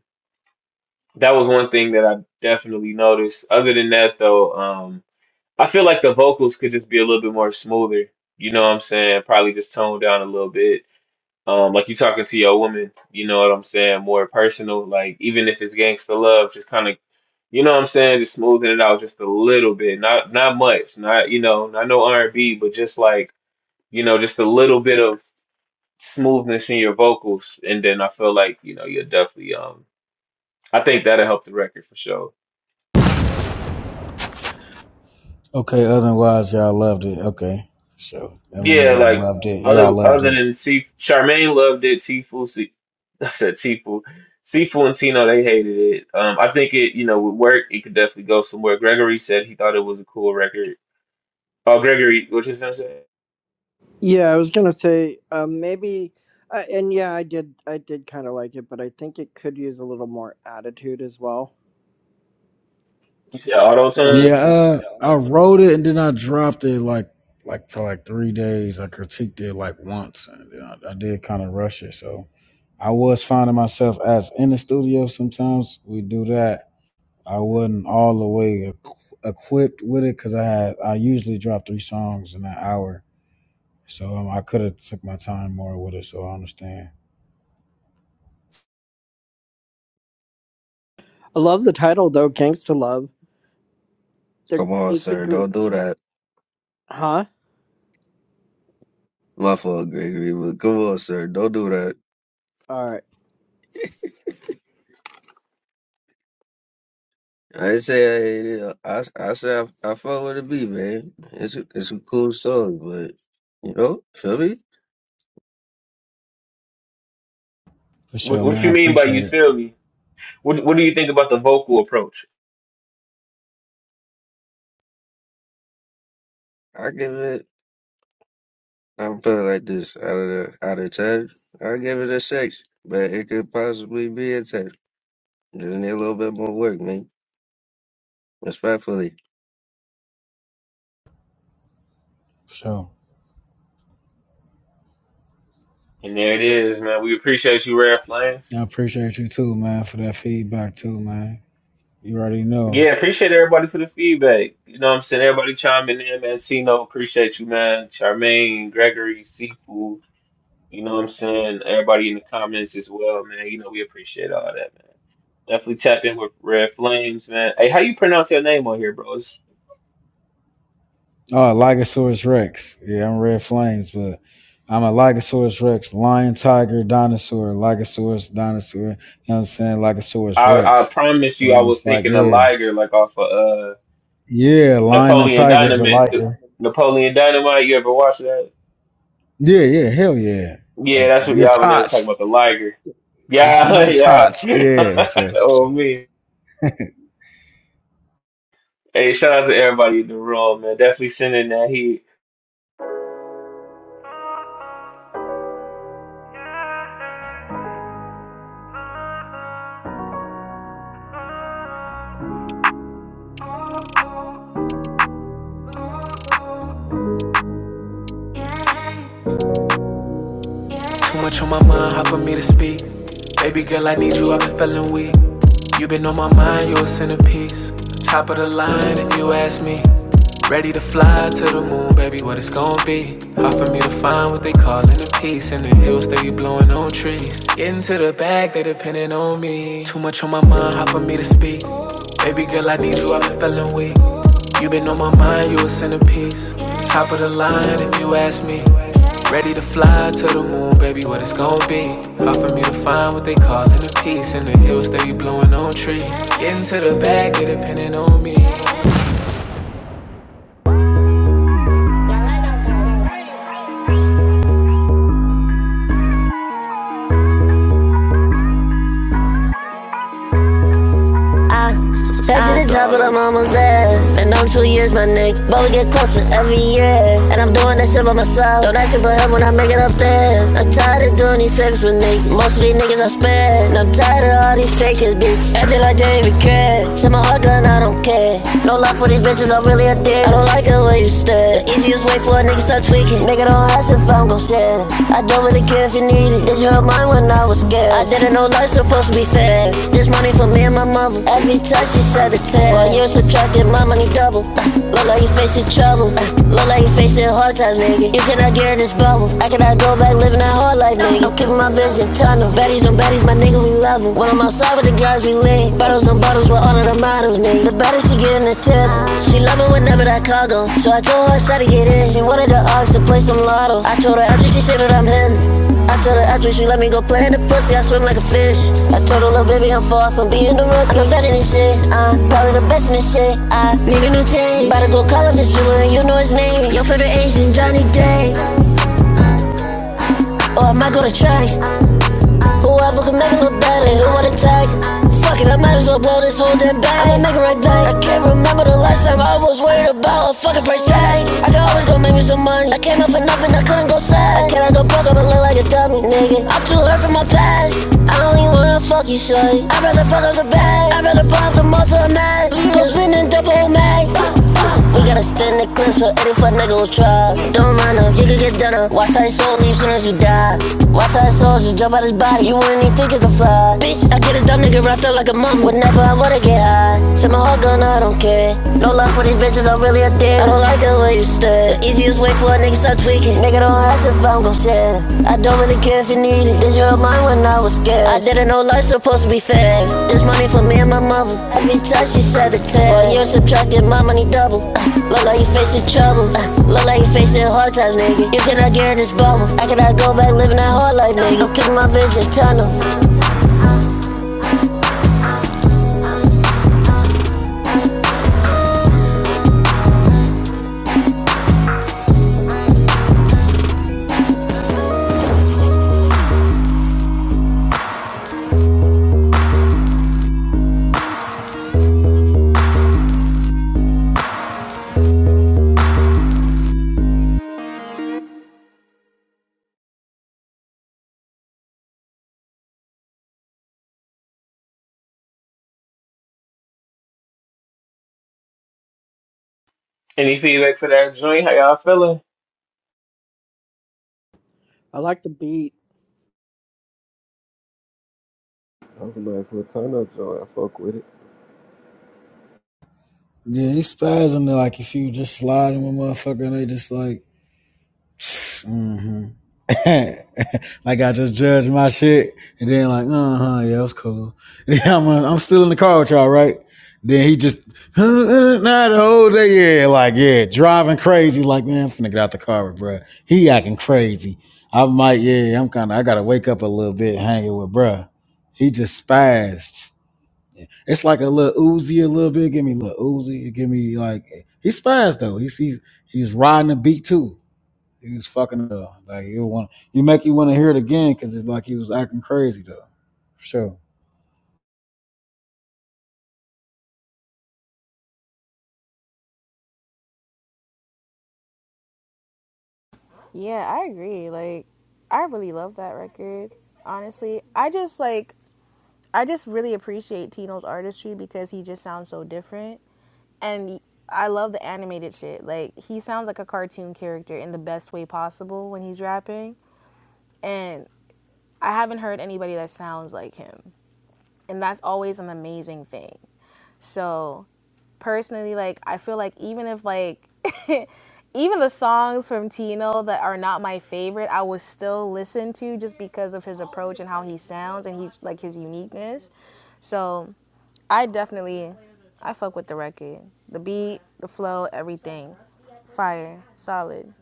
That was one thing that I definitely noticed. Other than that, though, um, I feel like the vocals could just be a little bit more smoother. You know what I'm saying? Probably just toned down a little bit. Um, like you talking to your woman, you know what I'm saying? More personal. Like even if it's gangsta love, just kind of, you know what I'm saying? Just smoothing it out just a little bit. Not not much. Not you know, not no R&B, but just like you know, just a little bit of smoothness in your vocals, and then I feel like you know you're definitely um. I think that'll help the record for sure.
Okay, otherwise y'all loved it. Okay. For sure. That means
Yeah,
y'all
like
loved it. Y'all
other
loved
other
it.
than Chief Charmaine loved it. Tifu, Se- I said Tifu, Sifu and Tino they hated it. Um, I think it you know would work. It could definitely go somewhere. Gregory said he thought it was a cool record. Oh, Gregory, what you was gonna say?
Yeah, I was gonna say um, maybe, uh, and yeah, I did. I did kind of like it, but I think it could use a little more attitude as well.
You said auto
If that
Yeah,
tune.
makes sense.
uh I wrote it and then I dropped it like like for like three days. I critiqued it like once and then I, I did kind of rush it. So I was finding myself as in the studio sometimes we do that I wasn't all the way equ- equipped with it because I had I usually drop three songs in an hour, so um, I could have took my time more with it. So I understand
I love the title though, "Gangsta Love." There,
Come on,
it could
sir.
go,
Don't do that.
huh?
My fault, Gregory, but come on, sir. Don't do that.
All right,
I say I I say I, I fuck with the beat, man. It's a, it's a cool song, but you know, feel me?
for
What
sure,
what
man. I
you mean by
appreciate
you
it
feel me? What what do you think about the vocal approach?
I give it. I'm feeling like this out of the out of ten. I give it a six, but it could possibly be a ten. Just need a little bit more work, man. Respectfully.
for sure.
And there it is, man. We appreciate you, Rare Flames.
I appreciate you too, man, for that feedback too, man. You already know.
Yeah, appreciate everybody for the feedback. You know what I'm saying? Everybody chiming in, man. Tino, appreciate you, man. Charmaine, Gregory, Sifu. You know what I'm saying? Everybody in the comments as well, man. You know, we appreciate all that, man. Definitely tap in with Red Flames, man. Hey, how you pronounce your name on here, bros?
Oh, Ligosaurus Rex. Yeah, I'm Red Flames, but I'm a Ligosaurus Rex, lion, tiger, dinosaur, Ligosaurus, dinosaur. You know what I'm saying? Ligosaurus
I, I
Rex.
promise
So
you I
I'm
was
just like,
thinking of
yeah,
Liger like off of uh
yeah, lion and
Napoleon
tiger is a
Dynamite. the-
liker.
Napoleon Dynamite, you ever watch that?
Yeah, yeah, hell yeah.
Yeah,
Okay.
that's what
Your
y'all when they was talking
tots.
about the Liger.
It's
Yeah,
my
<laughs>
tots.
yeah.
Yeah,
<laughs>
so so.
oh me. Hey, shout out to everybody in the room, man. Definitely sending that heat.
Too much on my mind, hard for me to speak. Baby girl, I need you, I've been feeling weak. You been on my mind, you're a centerpiece. Top of the line, if you ask me. Ready to fly to the moon, baby, what it's gonna be. Hard for me to find what they calling a piece. In the hills, they be blowing on trees. Getting to the bag, they depending on me. Too much on my mind, hard for me to speak. Baby girl, I need you, I've been feeling weak. You been on my mind, you a centerpiece. Top of the line, if you ask me. Ready to fly to the moon, baby, what it's gon' be. Hard for me to find what they call in the peace. In the hills, they be blowing on trees. Getting to the bag, they depending on me. no I Head to the top, but I'm almost there. Been on two years, my nigga. But we get closer every year. And I'm doing that shit by myself. Don't ask me for help when I make it up there. I'm tired of doing these favors with niggas. Most of these niggas I spare. And I'm tired of all these fakers, bitch. Acting like they even care. Set my heart down, I don't care. No love for these bitches, I'm really a dick. I don't like the way you stare. The easiest way for a nigga start tweaking. Nigga don't ask if I'm don't go share. it. I don't really care if you need it. Did you help mine when I was scared? I didn't know life's supposed to be fair. This money for me and my mother. Every time she said a tear. While you're subtracting my money double. Uh, look like you facing trouble. Uh, look like you facing hard times, nigga. You cannot get in this bubble. I cannot go back living that hard life, nigga. I'm keeping my vision tunnel. Baddies on baddies, my nigga, we love 'em. When I'm outside with the guys, we lean. Bottles on bottles models with all of the models, nigga. The better she getting the tip. She love it whenever that car go. So I told her, I tried to get in. She wanted the ox to play some lotto. I told her after she said that I'm hitting. I told her after she let me go play in the pussy, I swim like a fish. I told her, little baby, I'm far from being the rookie. I'm vetting this shit. Uh, probably the best in this shit. I need a new chain. About to go call up this jeweler, and you know his name. Your favorite Asian, Johnny Day. Or I might go to tracks. Whoever can make it look bad, ain't who wanna tag. Fuck it, I might as well blow this whole damn bag. I'ma make it right back. I can't remember the last time I was worried about a fucking price tag. I can always go make me some money. I came up with nothing, I couldn't go sad. Can I cannot go broke up and look like a dummy, nigga? I'm too hurt from my past. I don't even wanna fuck you, shorty. I'd rather fuck up the bag. I'd rather pop the most to a man. Go spinning double mag. We got to extend the clips for any fuck nigga who try. Don't mind him, he could get done up. Watch how his soul leave soon as you die. Watch how his soul just jump out his body. You wouldn't even think it could fly. Bitch, I get a dumb nigga wrapped up like a mum. Whenever I wanna get high. Set my heart gun, I don't care. No love for these bitches, I'm really a dick. I don't like the way you stare. The easiest way for a nigga niggas start tweaking. Nigga, don't ask if I'm gon' share. I don't really care if you need it. Did you help mine when I was scared? I didn't know life's supposed to be fair. This money for me and my mother. Every time she said a tear. Boy, you're subtracting my money double. Uh, look like you facing trouble. Uh, look like you facing hard times, nigga. You cannot get in this bubble. I cannot go back living that hard life, nigga. I'm keeping my vision tunnel.
Any feedback for that joint? How y'all feeling?
I like the beat.
That was a nice little turn up joint. I fuck with it.
Yeah, he spazzing like if you just slide him a motherfucker and they just like <sighs> mm-hmm. <laughs> like I just judged my shit and then like, uh huh, yeah, it was cool. <laughs> Yeah, I'm uh, I'm still in the car with y'all, right? Then he just <laughs> not the whole day, yeah, like yeah, driving crazy, like man, I'm finna get out the car, with bruh. He acting crazy. I might, yeah, I'm kind of, I gotta wake up a little bit, hanging with bruh. He just spazzed. It's like a little oozy, a little bit. Give me a little oozy. Give me like he spazzed though. He's he's he's riding the beat too. He was fucking up. Like you want, you make you want to hear it again because it's like he was acting crazy though, for sure.
Yeah, I agree. Like, I really love that record. Honestly, I just like I just really appreciate Tino's artistry because he just sounds so different. And I love the animated shit. Like, he sounds like a cartoon character in the best way possible when he's rapping. And I haven't heard anybody that sounds like him. And that's always an amazing thing. So, personally, like, I feel like even if, like, <laughs> even the songs from Tino that are not my favorite, I would still listen to just because of his approach and how he sounds and he like his uniqueness. So, I definitely, I fuck with the record. The beat, the flow, everything. Fire, solid.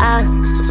I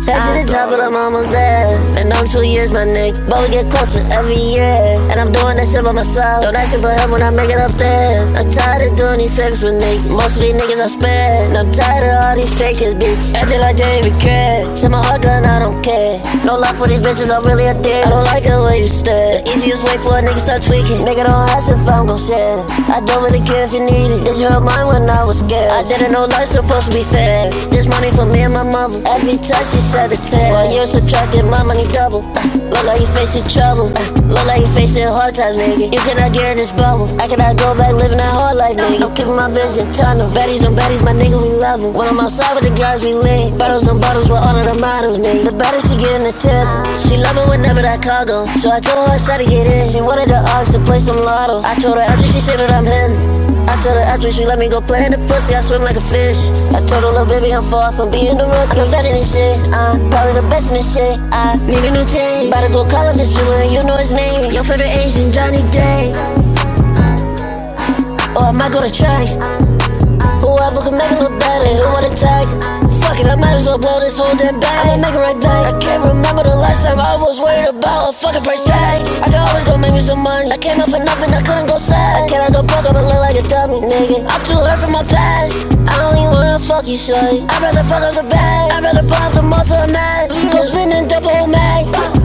Head to the top, but I'm almost there. Been on two years, my nigga. But we get closer every year. And I'm doing that shit by myself. Don't ask me for help when I make it up there. I'm tired of doing these favors with niggas. Most of these niggas I spare. And I'm tired of all these fakers, bitch. Acting like they even care. Set my heart done, I don't care. No love for these bitches, I'm really a dick. I don't like the way you stare. The easiest way for a nigga start tweaking. Nigga don't have ask if I'm gon' share it. I don't really care if you need it. Did you help mine when I was scared? I didn't know life's supposed to be fair. This money for me and my mother. Every time she said a tear. While you're subtracting, my money double. Uh, look like you are facing trouble. Uh, look like you are facing hard times, nigga. You cannot get in this bubble. I cannot go back living that hard life, nigga. I'm keeping my vision tunnel. Baddies on baddies, my nigga, we love 'em. When I'm outside with the guys, we lean. Bottles Bottles with all of the models, babe. The better she getting the tip. She love it whenever that car go. So I told her, I tried to get in. She wanted the odds to play some lotto. I told her after she said that I'm hitting. I told her after she let me go play in the pussy, I swim like a fish. I told her, little baby, I'm far from being the rookie. I'm a vet in this shit. Uh, probably the best in this shit. I need a new team. About to go call up this jeweler, you know his name. Your favorite Asian, Johnny Day. Or I might go to tracks. Whoever can make it look better, who would attack? Fuck it, I might as well blow this whole damn bag. I'ma make it right back. I can't remember the last time I was worried about a fucking price tag. I can always go make me some money. I came up for nothing, I couldn't go sad. Can I cannot go broke up and look like a dummy, nigga? I'm too hurt from my past. I don't even wanna fuck you, shorty. I'd rather fuck up the bag. I'd rather pop the motor man. Go spinning double mag.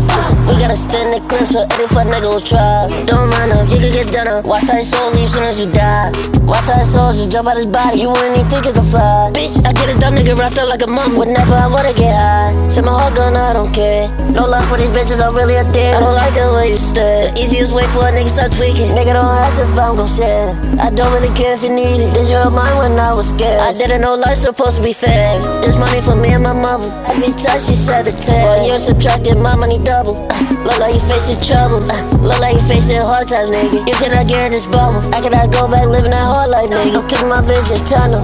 We got to extended clips for any fuck nigga who try. Don't mind him, you can get done up. Watch how his soul leave soon as you die. Watch how his soul just jump out his body, you wouldn't even think it could fly. Bitch, I get a dumb nigga wrapped up like a mum. Whenever I wanna get high, shit my heart gun, I don't care. No love for these bitches, I'm really a dick. I don't like the way you stare. The easiest way for a nigga start tweaking. Nigga, don't ask if I'm gon' share. I don't really care if you need it. Did you help mine when I was scared? I didn't know life's supposed to be fair. This money for me and my mother. Every time she said a tear. Well, you're subtracting my money double. Uh, Look like you facing trouble. Uh, Look like you facing hard times, nigga. You cannot get in this bubble. I cannot go back living that hard life, nigga. I'm kicking my vision tunnel.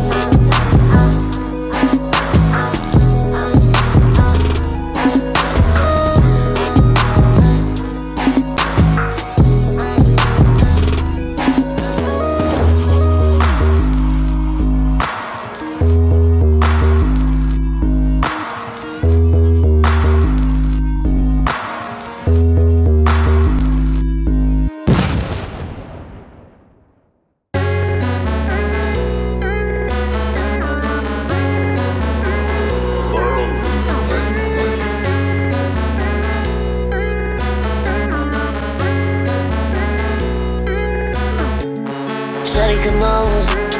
Shawty, come over.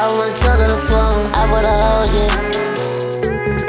I wanna talk on the phone. I wanna hold you.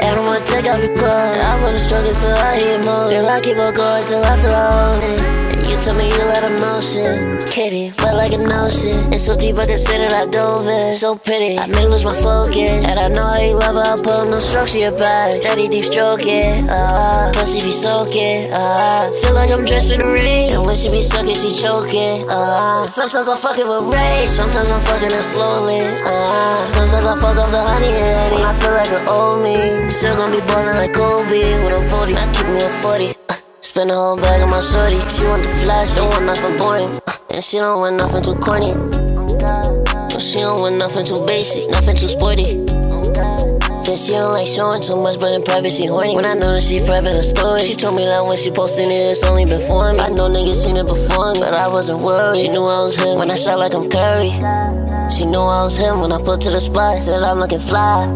And I wanna take off your clothes. I wanna struggle till I hear more. Girl, I keep on going till I feel lonely. And you told me you let emotion. Kitty, but like an ocean. It's so deep I can sit it, I dove in. So pretty, I may lose my focus. And I know how you love her, I'll put no structure your back. Steady deep stroking, uh, pussy be soaking, uh, feel like like I'm dressed in the rain, and when she be sucking, she choking. Uh, sometimes I'm fucking with rage, sometimes I'm fucking it slowly. Uh, sometimes I fuck up the honey and honey. When I feel like an old me. Still gonna be ballin' like Kobe when I'm 40. I keep me a 40. Uh, spend a whole bag on my shorty. She want the flash, don't want nothing boring. Uh, and she don't want nothing too corny. She don't want nothing too basic, nothing too sporty. Said she don't like showing too much, but in private she horny. When I know that she private her story, she told me that when she posting it, it's only been for me. I know niggas seen it before, me, but I wasn't worried. She knew I was him when I shot like I'm Curry. She knew I was him when I put to the spot, said I'm looking fly.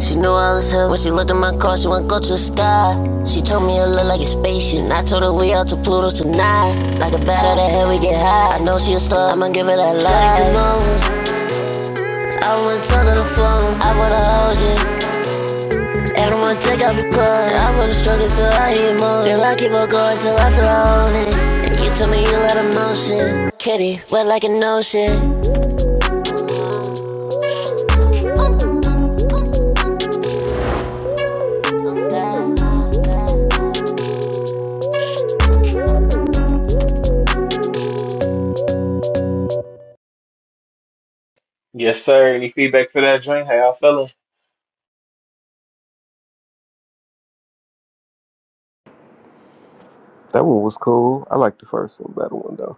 She knew I was him when she looked at my car, she went go to the sky. She told me I look like a spaceship, and I told her we out to Pluto tonight. Like a bat out of hell, we get high. I know she a star, I'ma give her that light. Shawty, come over, I wanna talk on the phone. I wanna hold you. And I don't wanna take off your clothes. I wanna struggle till I hear more. Feel I keep on going till I feel I own it. And you told me you let emotion. Kitty, wet like an ocean.
Yes, sir. Any feedback for that joint? How y'all feeling?
That one was cool. I like the first one better one though.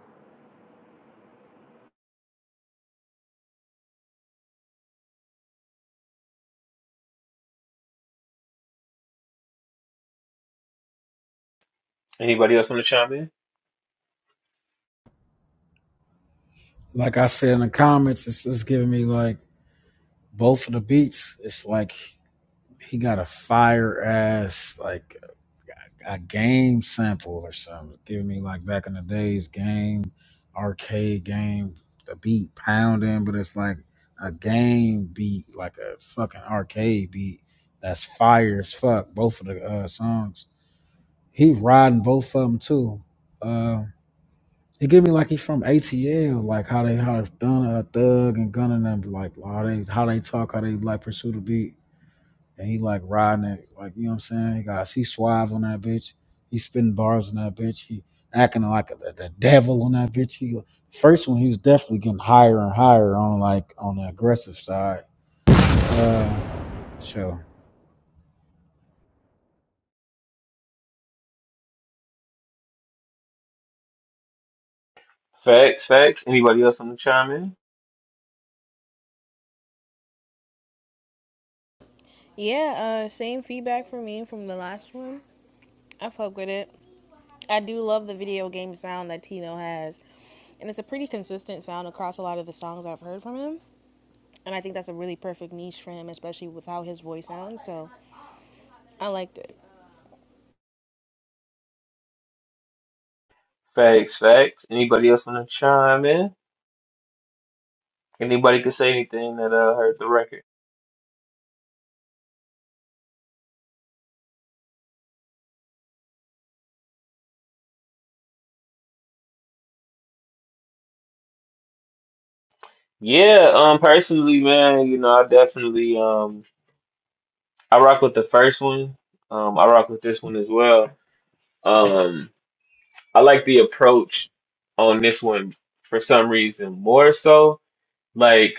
Anybody else want to chime in?
Like I said in the comments, it's just giving me like both of the beats. It's like he got a fire ass like a game sample or something, It's giving me like back in the days game, arcade game, the beat pounding, but it's like a game beat, like a fucking arcade beat. That's fire as fuck. Both of the uh, songs he riding both of them too. Uh, it give me like he from ATL, like how they how done a thug and gunning them like how they how they talk, how they like pursue the beat, and he like riding it, like you know what I'm saying. He got he suave on that bitch. He spinning bars on that bitch. He acting like the, the devil on that bitch. He first one he was definitely getting higher and higher on like on the aggressive side. Uh, sure.
Facts, facts. Anybody else want to chime in?
Yeah, uh, same feedback for me from the last one. I fuck with it. I do love the video game sound that Tino has. And it's a pretty consistent sound across a lot of the songs I've heard from him. And I think that's a really perfect niche for him, especially with how his voice sounds. So I liked it.
Facts, facts. Anybody else want to chime in? Anybody can say anything that uh hurt the record. Yeah, um, personally, man, you know, I definitely um, I rock with the first one. Um, I rock with this one as well. Um, I like the approach on this one for some reason more so. Like.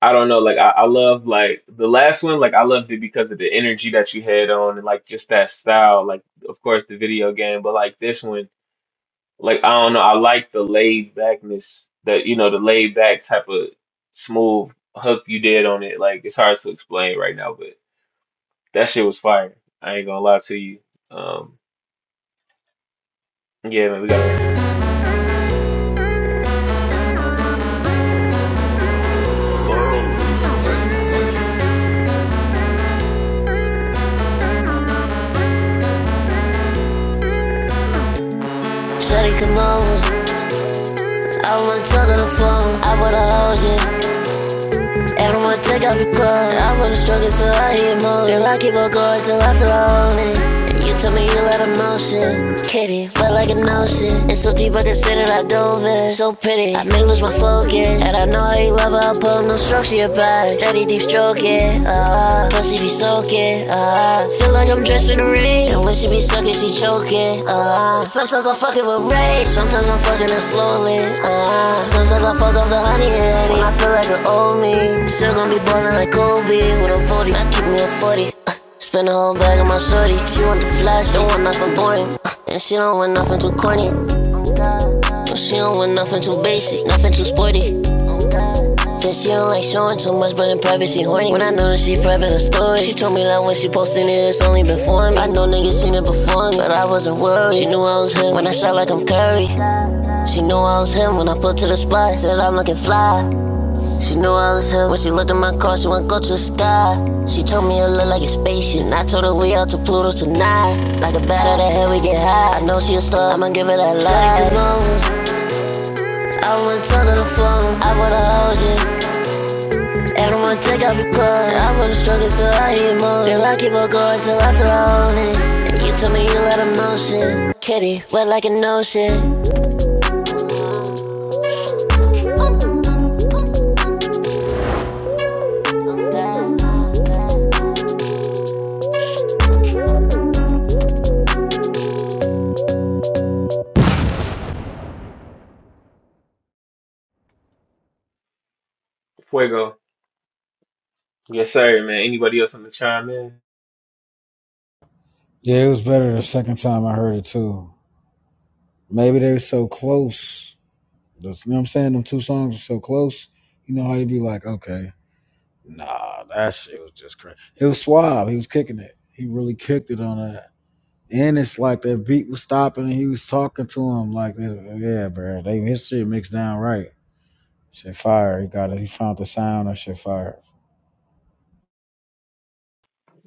I don't know, like I, I love like the last one, like I loved it because of the energy that you had on and like just that style, like of course the video game, but like this one, like I don't know, I like the laid backness that you know, the laid back type of smooth hook you did on it. Like it's hard to explain right now, but that shit was fire. I ain't gonna lie to you. Um yeah man, we gotta run that.
Shawty, come over. I wanna talk on the phone. I wanna hold you. And I'ma take off your clothes. I wanna struggle till I hear more. Feel I keep on going till I feel lonely. And you told me you let emotion. Kitty, felt like an ocean. It's so deep, I can say that I dove in. So pretty, I may lose my focus. And I know how you love her, I'll put no structure back. Steady deep stroking, ah. Uh, pussy be soaking, ah. uh-huh. feel like I'm dressed in the rain, and when she be sucking, she choking. Uh, sometimes I'm fucking with rage, sometimes I'm fucking it slowly. Uh, sometimes I fuck off the honey and honey. When I feel like an old me, still gonna be ballin' like Kobe. When I'm 40, I keep me a 40. Uh, spend the whole bag on my shorty. She want the flash, don't want nothing boring. Uh, and she don't want nothing too corny. uh-huh. She don't want nothing too basic, nothing too sporty. Said she don't like showing too much, but in private she horny. When I know that she private her story, she told me that when she posting it, it's only been for me. I know niggas seen it before me, but I wasn't worried. She knew I was him when I shot like I'm Curry. She knew I was him when I put to the spot, said I'm looking fly. She knew I was him when she looked at my car, she went go to the sky. She told me it looked like a spaceship, and I told her we out to Pluto tonight. Like a bat out of hell, we get high. I know she a star, I'ma give her that light. I would talk on the phone, I would've hold you. I don't wanna take off your clothes. I wanna struggle till I hear more. Feel I keep on going till I feel I own it. And you told me you let 'em know shit. Kitty, wet like an ocean. I'm down, I'm down.
Fuego. Yes sir, man. Anybody else wanna chime in?
Yeah, it was better the second time I heard it too. Maybe they were so close Those- you know what I'm saying? Them two songs are so close. You know how you'd be like, okay, nah, that shit was just crazy. It was suave. He was kicking it. He really kicked it on that. And it's like that beat was stopping and he was talking to him like, yeah, bro. They his shit mixed down right. Shit fire. He got it. He found the sound of shit fire.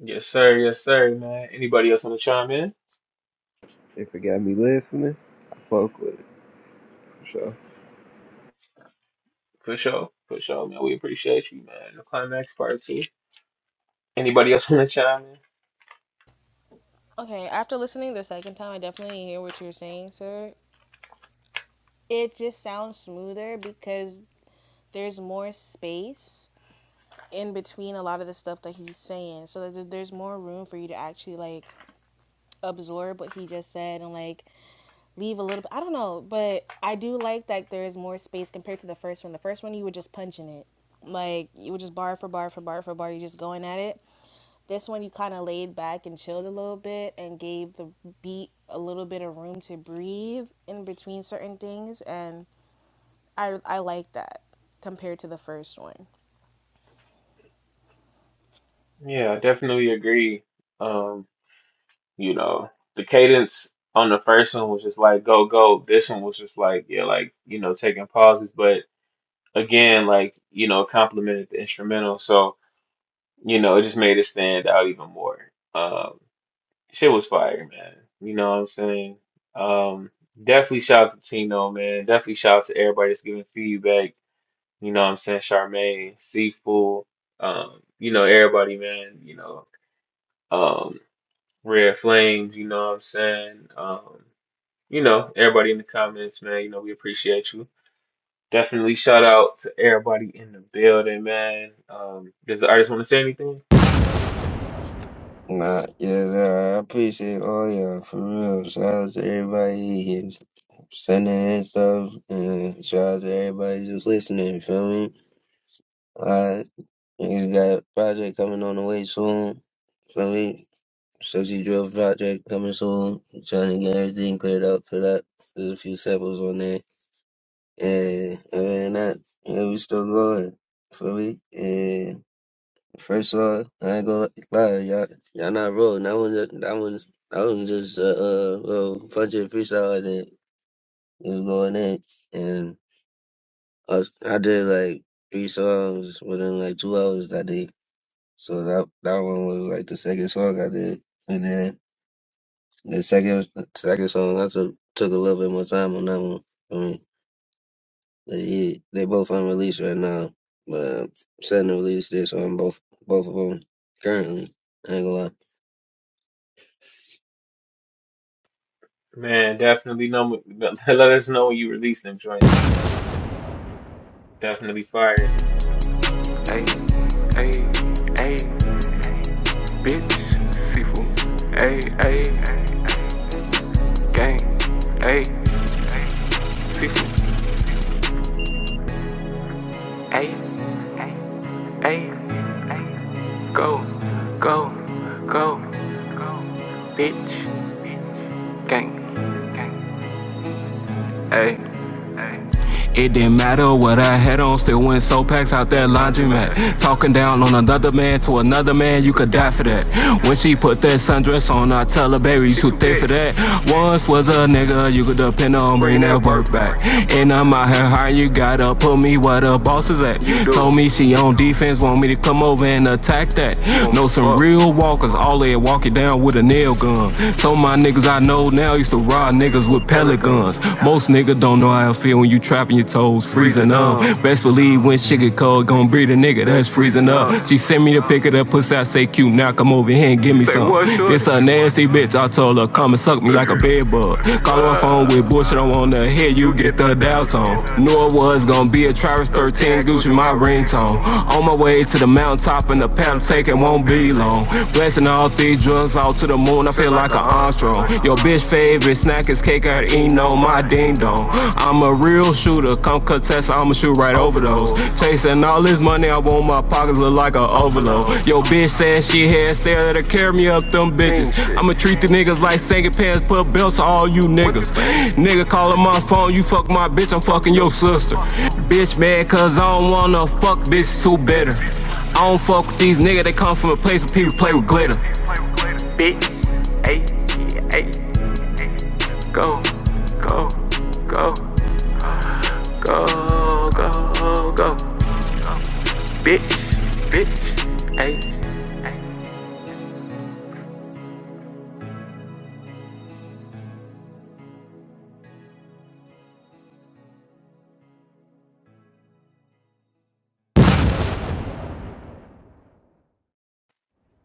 Yes sir, yes sir, man. Anybody else wanna chime in?
If it got me listening, I fuck with it for sure.
For sure. For sure, man. We appreciate you, man. The climax part two. Anybody else want to chime in?
Okay, after listening the second time, I definitely hear what you're saying, sir. It just sounds smoother because there's more space in between a lot of the stuff that he's saying so that there's more room for you to actually like absorb what he just said and like leave a little bit i don't know but i do like that there is more space compared to the first one the first one you were just punching it like you were just bar for bar for bar for bar you're just going at it this one you kind of laid back and chilled a little bit and gave the beat a little bit of room to breathe in between certain things and i i like that compared to the first one
Yeah, I definitely agree. Um, you know, the cadence on the first one was just like go go. This one was just like yeah, like you know, taking pauses, but again, like you know, complimented the instrumental, so you know, it just made it stand out even more. Um, shit was fire, man. You know what I'm saying? Um, definitely shout out to Tino, man. Definitely shout out to everybody that's giving feedback you know what I'm saying, Charmaine, Seafood, um, you know, everybody, man, you know, um, Red Flames, you know what I'm saying? Um, you know, everybody in the comments, man, you know, we appreciate you. Definitely shout out to everybody in the building, man. Um, does the artist want to say anything?
Nah, yeah, nah, I appreciate all y'all for real. Shout out to everybody here sending in stuff, and shout out to everybody just listening. Feel me? Alright, niggas got a project coming on the way soon. Feel me? Sixty drill project coming soon. trying to get everything cleared up for that. There's a few samples on there, and other than that, yeah, we still going. Feel me? Yeah. First of all, I ain't gonna lie, y'all, y'all not wrong. That one, ju- that one, that one just a uh, uh, little bunch of freestyle that was going in, and I, was- I did like three songs within like two hours that day. So that that one was like the second song I did, and then the second second song I took took a little bit more time on that one. I mean, they, yeah, they both unreleased right now, but I'm setting to release this on both both of them currently. I ain't gonna lie.
Man, definitely know, <laughs> let us know when you release them joints. Definitely fire.
It didn't matter what I had on, still went so packs out that laundromat. Talking down on another man to another man, you could die for that. When she put that sundress on, I tell her, baby, you too thick for that. Once was a nigga, you could depend on, bring that work back. And I'm out here hard, you gotta put me where the boss is at. Told me she on defense, want me to come over and attack that. Know some real walkers, all they walk it down with a a nail gun. Told my niggas I know now used to rob niggas with pellet guns. Most niggas don't know how it feel when you trapping your toes, freezing up. Best believe when shit get cold, gon' be the nigga that's freezing up. She sent me to pick it up, pussy. I say cute, now come over here and give me some. This a nasty bitch. I told her come and suck me like a bed bug. Call her phone with bullshit. I wanna hear you get the doubts on. Knew it was gonna be a Travis 13 Gucci my ringtone. On my way to the mountaintop and the pedal taking won't be long. Blessing all three drugs all to the moon, I feel like an Armstrong. Your bitch favorite snack is cake I eating on my ding dong. I'm a real shooter, come contest, I'ma shoot right over those. Chasing all this money, I want my pockets look like an overload. Your bitch says she had stare that'll carry me up them bitches. I'ma treat the niggas like second pants, put niggas. I don't fuck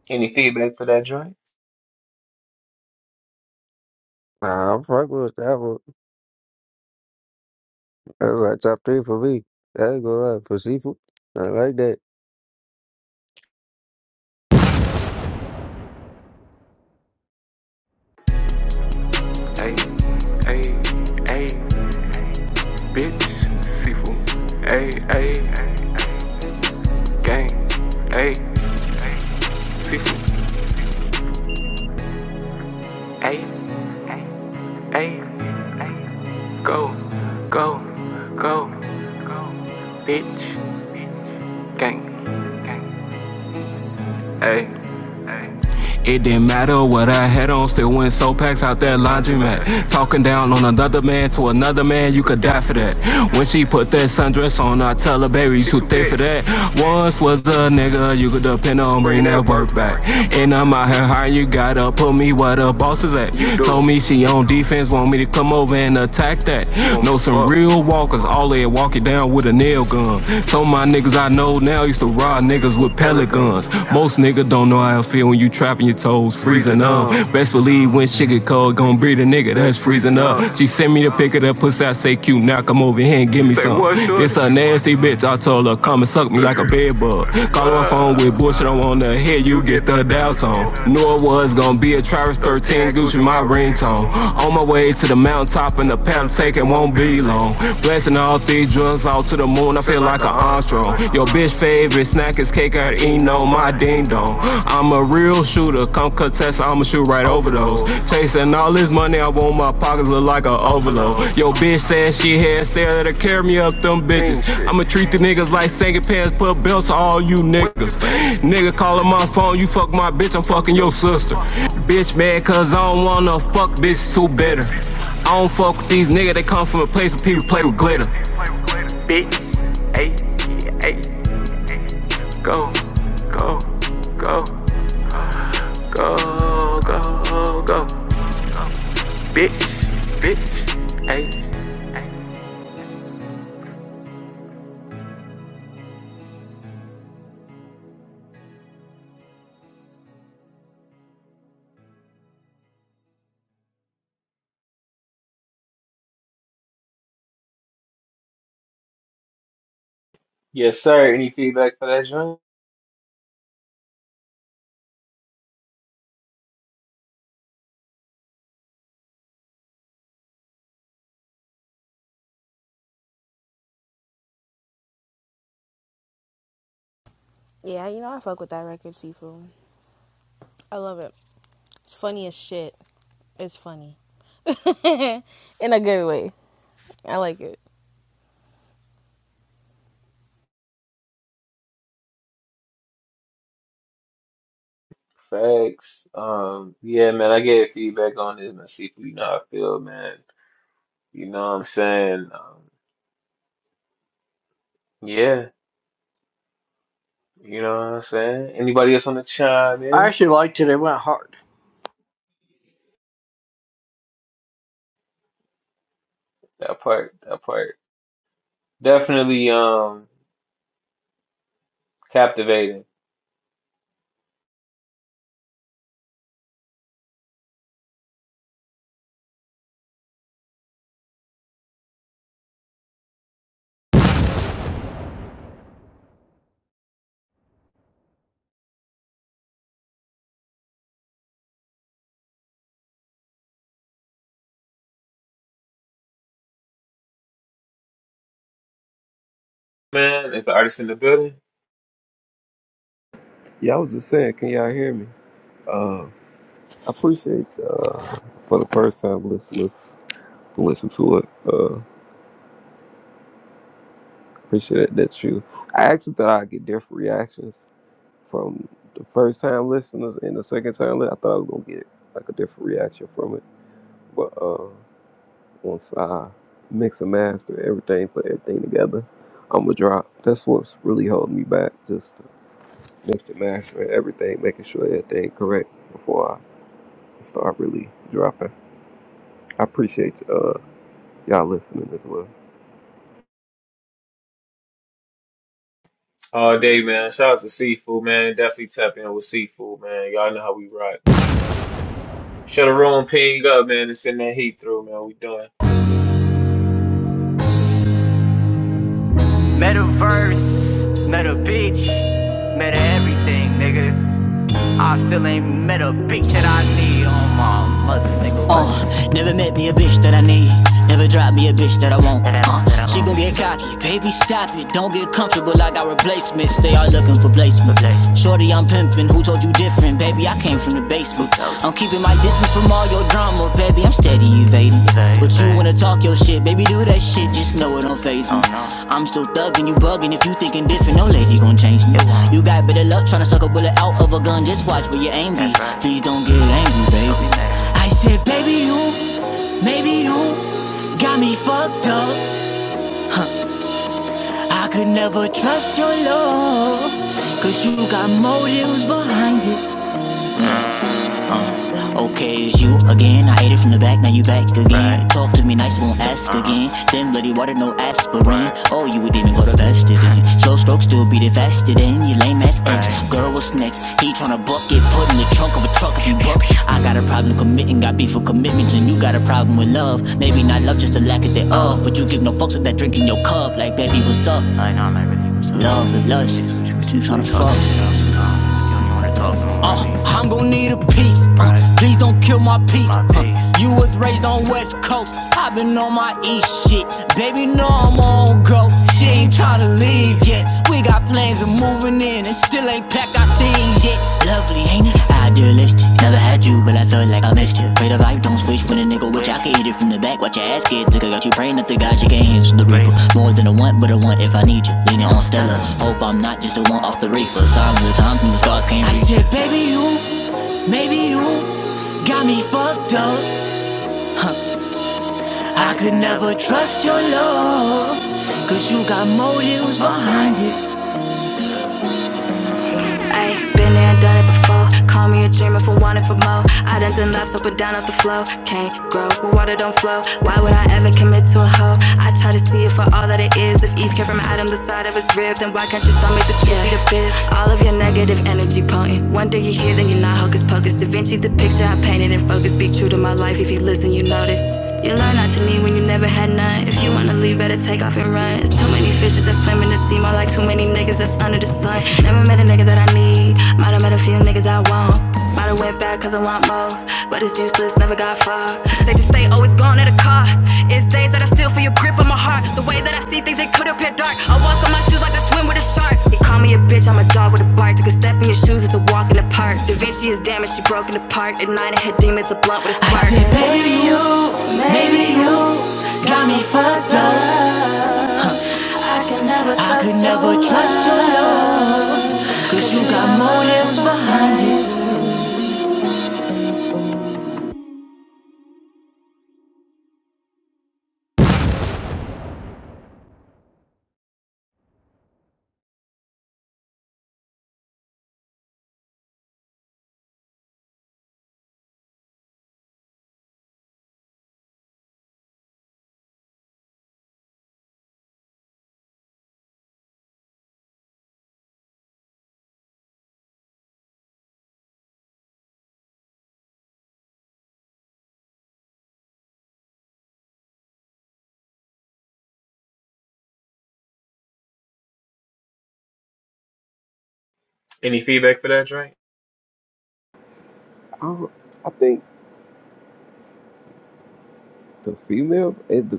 Any feedback for that joint?
Nah, I fuck with that one. That's like top three for me. That ain't gonna lie. For seafood, I like that.
It didn't matter what I had on, still went so packs out that laundromat. Talking down on another man to another man, you could die for that. When she put that sundress on, I tell her, baby, you too thick for that. Once was a nigga, you could depend on, bring that work back. And I'm out here hiring, you gotta put me where the boss is at. Told me she on defense, want me to come over and attack that. Know some real walkers, all they walk it down with a nail gun. Told my niggas I know. Old now used to rob niggas with pellet guns. Most nigga don't know how I feel when you trapping your toes, freezing up. Best believe when shit get cold, gon' breathe a nigga that's freezing up. She sent me to pick it up, pussy. I say, cute, Now come over here and give me some. This a nasty bitch. I told her, come and suck me like a bed bug. Call my phone with bullshit. I wanna hear you get the dial tone. Knew it was gon' be a Travis 13 Gucci, my ringtone. On my way to the mountaintop and the paddle, taking one won't be long. Blasting all three drugs out to the moon, I feel like an Armstrong. Your bitch favorite snack is cake and eating on my ding dong. I'm a real shooter, come contest, I'ma shoot right over those. Chasing all this money, I want my pockets look like an overload. Your bitch says she had stare that'll carry me up them bitches. I'ma treat the niggas like second pants, put belts on all you niggas. Nigga calling my phone, you fuck my bitch, I'm fucking your sister. Bitch, man, bitch, too. I don't fuck with you, play with glitter. oh, go.
Yes, sir. Any feedback for that joint?
yeah you know i fuck with that record seafood i love it It's funny as shit. It's funny. <laughs> In a good way. I like it.
Facts. Um, yeah, man, I gave feedback on this and see if you know how I feel, man. You know what I'm saying? Um, yeah, you know what I'm saying? Anybody else want to chime
I
in?
actually liked it. It went hard.
That part, that part. Definitely um captivating. Man, it's the artist in the building
Yeah, I was just saying, can y'all hear me? Uh, I appreciate uh for the first time listeners who listen to it. Uh, Appreciate that. That's you. I actually thought I'd get different reactions from the first time listeners and the second time. li- I thought I was gonna get like a different reaction from it, but uh, once I mix and master everything, put everything together, I'm gonna drop. That's what's really holding me back. Just to mix and master everything, making sure everything correct before I start really dropping. I appreciate uh y'all listening as well.
all day, man. Shout out to Seafood, man. Definitely tap in with Seafood, man. Y'all know how we rock, man. Shut the room, ping up, man, and send that heat through, man. We doing.
Metaverse, meta bitch, meta everything, nigga. I still ain't meta bitch that I need on my mother, nigga. Oh, nah, she gon' be Say, paid. But you wanna taste me. Oh, no. I'm you bugging if you thinking different. No lady gon' change me. You got better luck tryna suck a bullet out of a gun. Just watch where you aim be. right. Please don't get angry, baby. I said, baby, you, maybe you. I me fucked up of a trello. Cause you was behind it. Right. Talk to me nice, won't ask again. Then those strokes still beat it faster than your girl was on a butt put in the trunk of a truck. If you got a problem committing, got beef for commitments, and you got a problem with love. Maybe not love, just a lack of thereof. But you give no fucks with that drink in your cup, like that love. That's Peace, uh, please don't kill my peace. uh, you was raised on. I did not it from the back of the reaper. More you just love. Also want off the line. I said, got me fucked up. I could never trust your love. Cause you got motives behind it. Ayy, been there, done it before. Call me a dreamer for wanting for more. I done done laps up and down off the flow. Can't grow where water don't flow. Why would I ever commit to a hoe? I try to see it for all that it is. If Eve came from Adam, the side of his rib, then why can't you stop me the truth be the bib? All of your negative energy, play if you learn not to need when you never had none. If you wanna leave, better too many fishes that swim in the sea, more like too many niggas that's under the sun. Never met a nigga that I need, might have met a few niggas I want. Might have went back cause I want more, but it's useless, never got far. They just stay, always gone in a car. It's days that I still feel your grip on my heart. The way that I see things, it could appear dark. I walk on my shoes like I swim with a shark. They call me a bitch, I'm a dog with a bark. Took a step in your shoes, it's a walk in the park. Da Vinci is damaged, she broke in the park At night, I had demons, a blunt with a spark. I said, baby, you, baby, you got me fucked up. I could never trust your love, cause you got motives behind it.
Any feedback for that, Drake?
I, don't- I think. The female, it,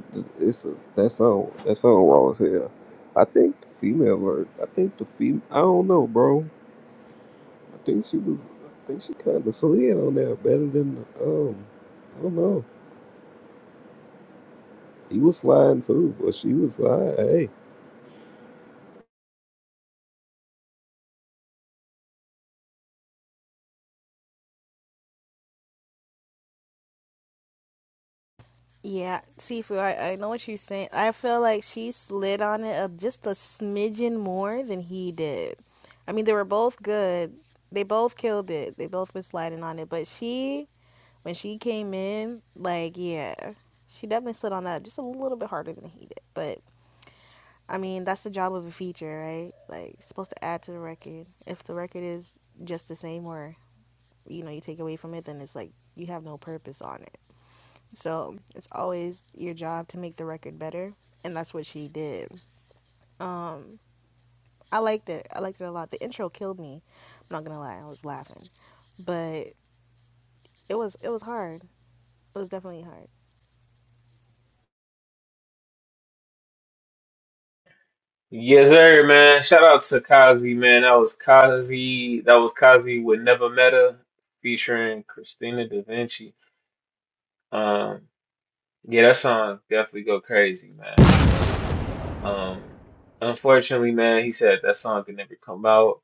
it's a, that song. That song raw as hell. I think the female version. I think the fem. I don't know, bro. I think she was. I think she kind of slid on there better than the. Um, I don't know. He was sliding too, but she was sliding. Hey,
Yeah, Sifu, I, I know what you're saying. I feel like she slid on it a, just a smidgen more than he did. I mean, they were both good. They both killed it. They both been sliding on it. But she, when she came in, like, yeah, she definitely slid on that just a little bit harder than he did. But, I mean, that's the job of a feature, right? Like, it's supposed to add to the record. If the record is just the same or you know you take away from it then it's like you have no purpose on it so it's always your job to make the record better and that's what she did um i liked it i liked it a lot the intro killed me i'm not gonna lie i was laughing but it was it was hard it was definitely hard
Yes, sir, man. Shout out to Kazi, man. That was Kazi. That was Kazi with Never Meta featuring Christina Da Vinci. Um, yeah, that song definitely go crazy, man. Um, unfortunately, man, he said that song could never come out.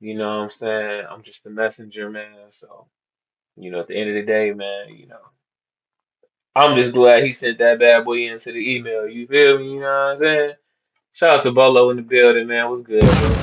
You know what I'm saying? I'm just the messenger, man. So, you know, at the end of the day, man, you know, I'm just glad he sent that bad boy into the email. You feel me? You know what I'm saying? Shout out to Bolo in the building, man. What's good, bro?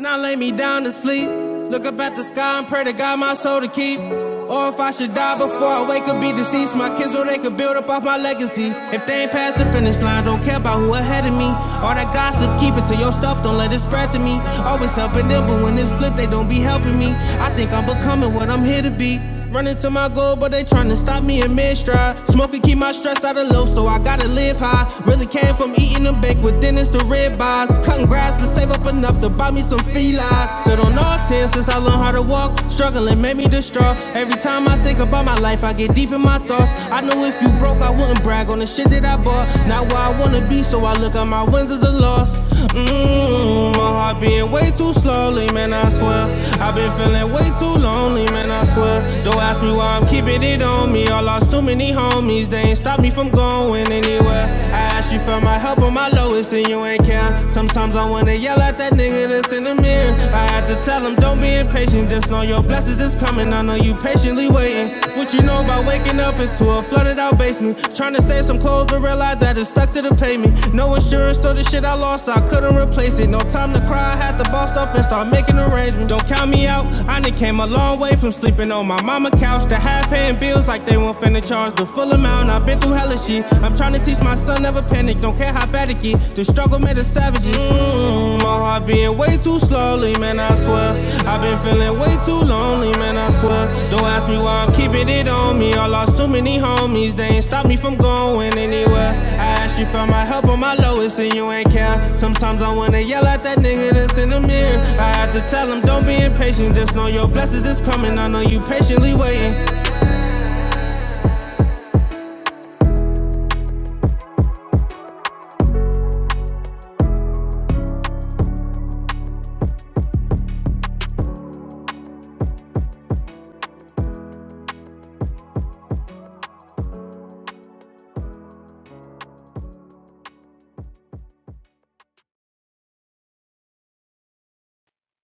Now lay me down to sleep. Look up at the sky and pray to God my soul to keep. Or if I should die before I wake up, be deceased. My kids, so they could build up off my legacy. If they ain't past the finish line, don't care about who ahead of me. All that gossip, keep it to your stuff, don't let it spread to me. Always helping them, but when it's flipped, they don't be helping me. I think I'm becoming what I'm here to be. Running to my goal, but they tryna stop me in mid stride. Smoking keep my stress out of low, so I gotta live high. Really came from eating them baked with dentists to rib eyes. Cutting grass to save up enough to buy me some felines. Stood on all 10 since I learned how to walk. Struggling made me distraught. Every time I think about my life, I get deep in my thoughts. I know if you broke, I wouldn't brag on the shit that I bought. Not where I wanna be, so I look out my windows alone a loss. Mmm, my heart being way too slowly, man, I swear. I've been feeling way too lonely, man, I swear. Don't ask me why I'm keeping it on me. I lost too many homies, they ain't stopped me from going anywhere. I asked you for my help on my lowest, and you ain't care. Sometimes I wanna yell at that nigga that's in the mirror. I had to tell him, don't be impatient, just know your blessings is coming. I know you patiently be waiting. What you know about waking up into a flooded out basement? Trying to save some clothes, but realize that it's stuck to the pavement. No insurance, so the shit I lost, so I couldn't replace it. No time to cry, I had to boss up and start making arrangements. Don't count me out, I done came a long way from sleeping on my mama couch to high paying bills like they won't finna charge the full amount. I've been through hella shit. I'm trying to teach my son never panic, don't care how bad it get. The struggle made a the savages. Mm, my heart being way too slowly, man, I swear. I've been feeling way too lonely, man, I swear. Don't ask me why I'm keeping it on me. I lost too many homies, they ain't stopped me from going anywhere. I asked you for my help on my lowest, and you ain't care. Sometimes I wanna yell at that nigga that's in the mirror. I had to tell him, don't be impatient, just know your blessings is coming. I know you patiently waiting.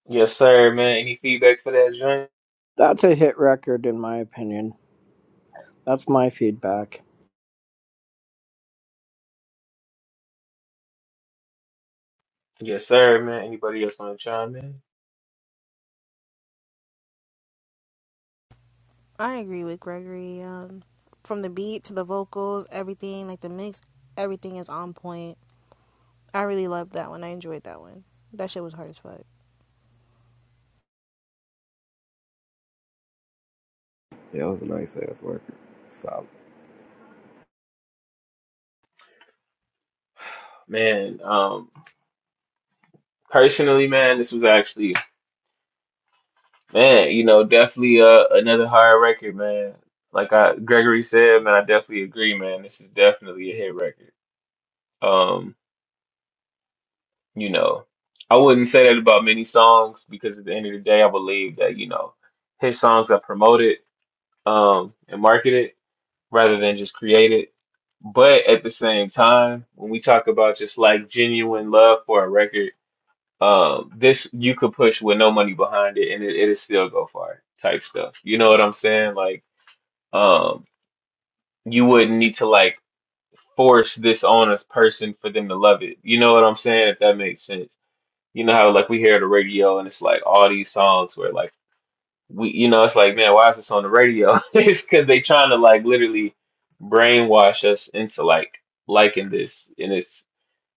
Yes, sir, man. Any feedback for that, joint?
That's a hit record, in my opinion. That's my feedback.
Yes, sir, man. Anybody else want to chime in?
i agree with gregory um from the beat to the vocals everything like the mix everything is on point i really loved that one i enjoyed that one that shit was hard as fuck
that was a nice ass record. Solid.
Man, um, personally, man, this was actually, man, you know, definitely uh, another hard record, man. Like I, Gregory said, man, I definitely agree, man. This is definitely a hit record. Um, you know, I wouldn't say that about many songs because at the end of the day, I believe that, you know, his songs are promoted um, and marketed rather than just create it. But at the same time, when we talk about just like genuine love for a record, um, this you could push with no money behind it and it, it'll still go far type stuff. You know what I'm saying? Like, um, you wouldn't need to like force this on a person for them to love it. You know what I'm saying? If that makes sense. You know how like we hear the radio and it's like all these songs where like we you know it's like man why is this on the radio <laughs> it's because they trying to like literally brainwash us into like liking this and it's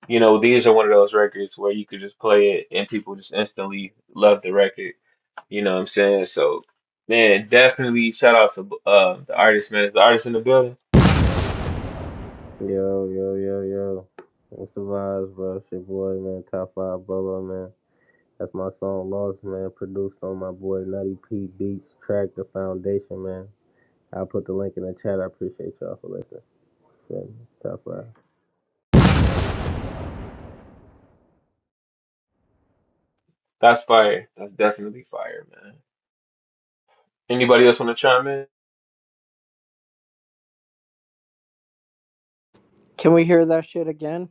you know these are one of those records where you could just play it and people just instantly love the record you know what i'm saying so man definitely shout out to uh the artist man is the artist in the building
Yo, yo, yo, yo. What's the vibes, bro? It's your boy, man. Top 5 Bubba, man. That's my song, Lost, man. Produced on my boy Nutty P Beats, Track The Foundation, man. I'll put the link in the chat. I appreciate y'all for listening. Feel Top 5.
that's fire that's definitely fire man anybody else want to chime in
Can we hear that shit again?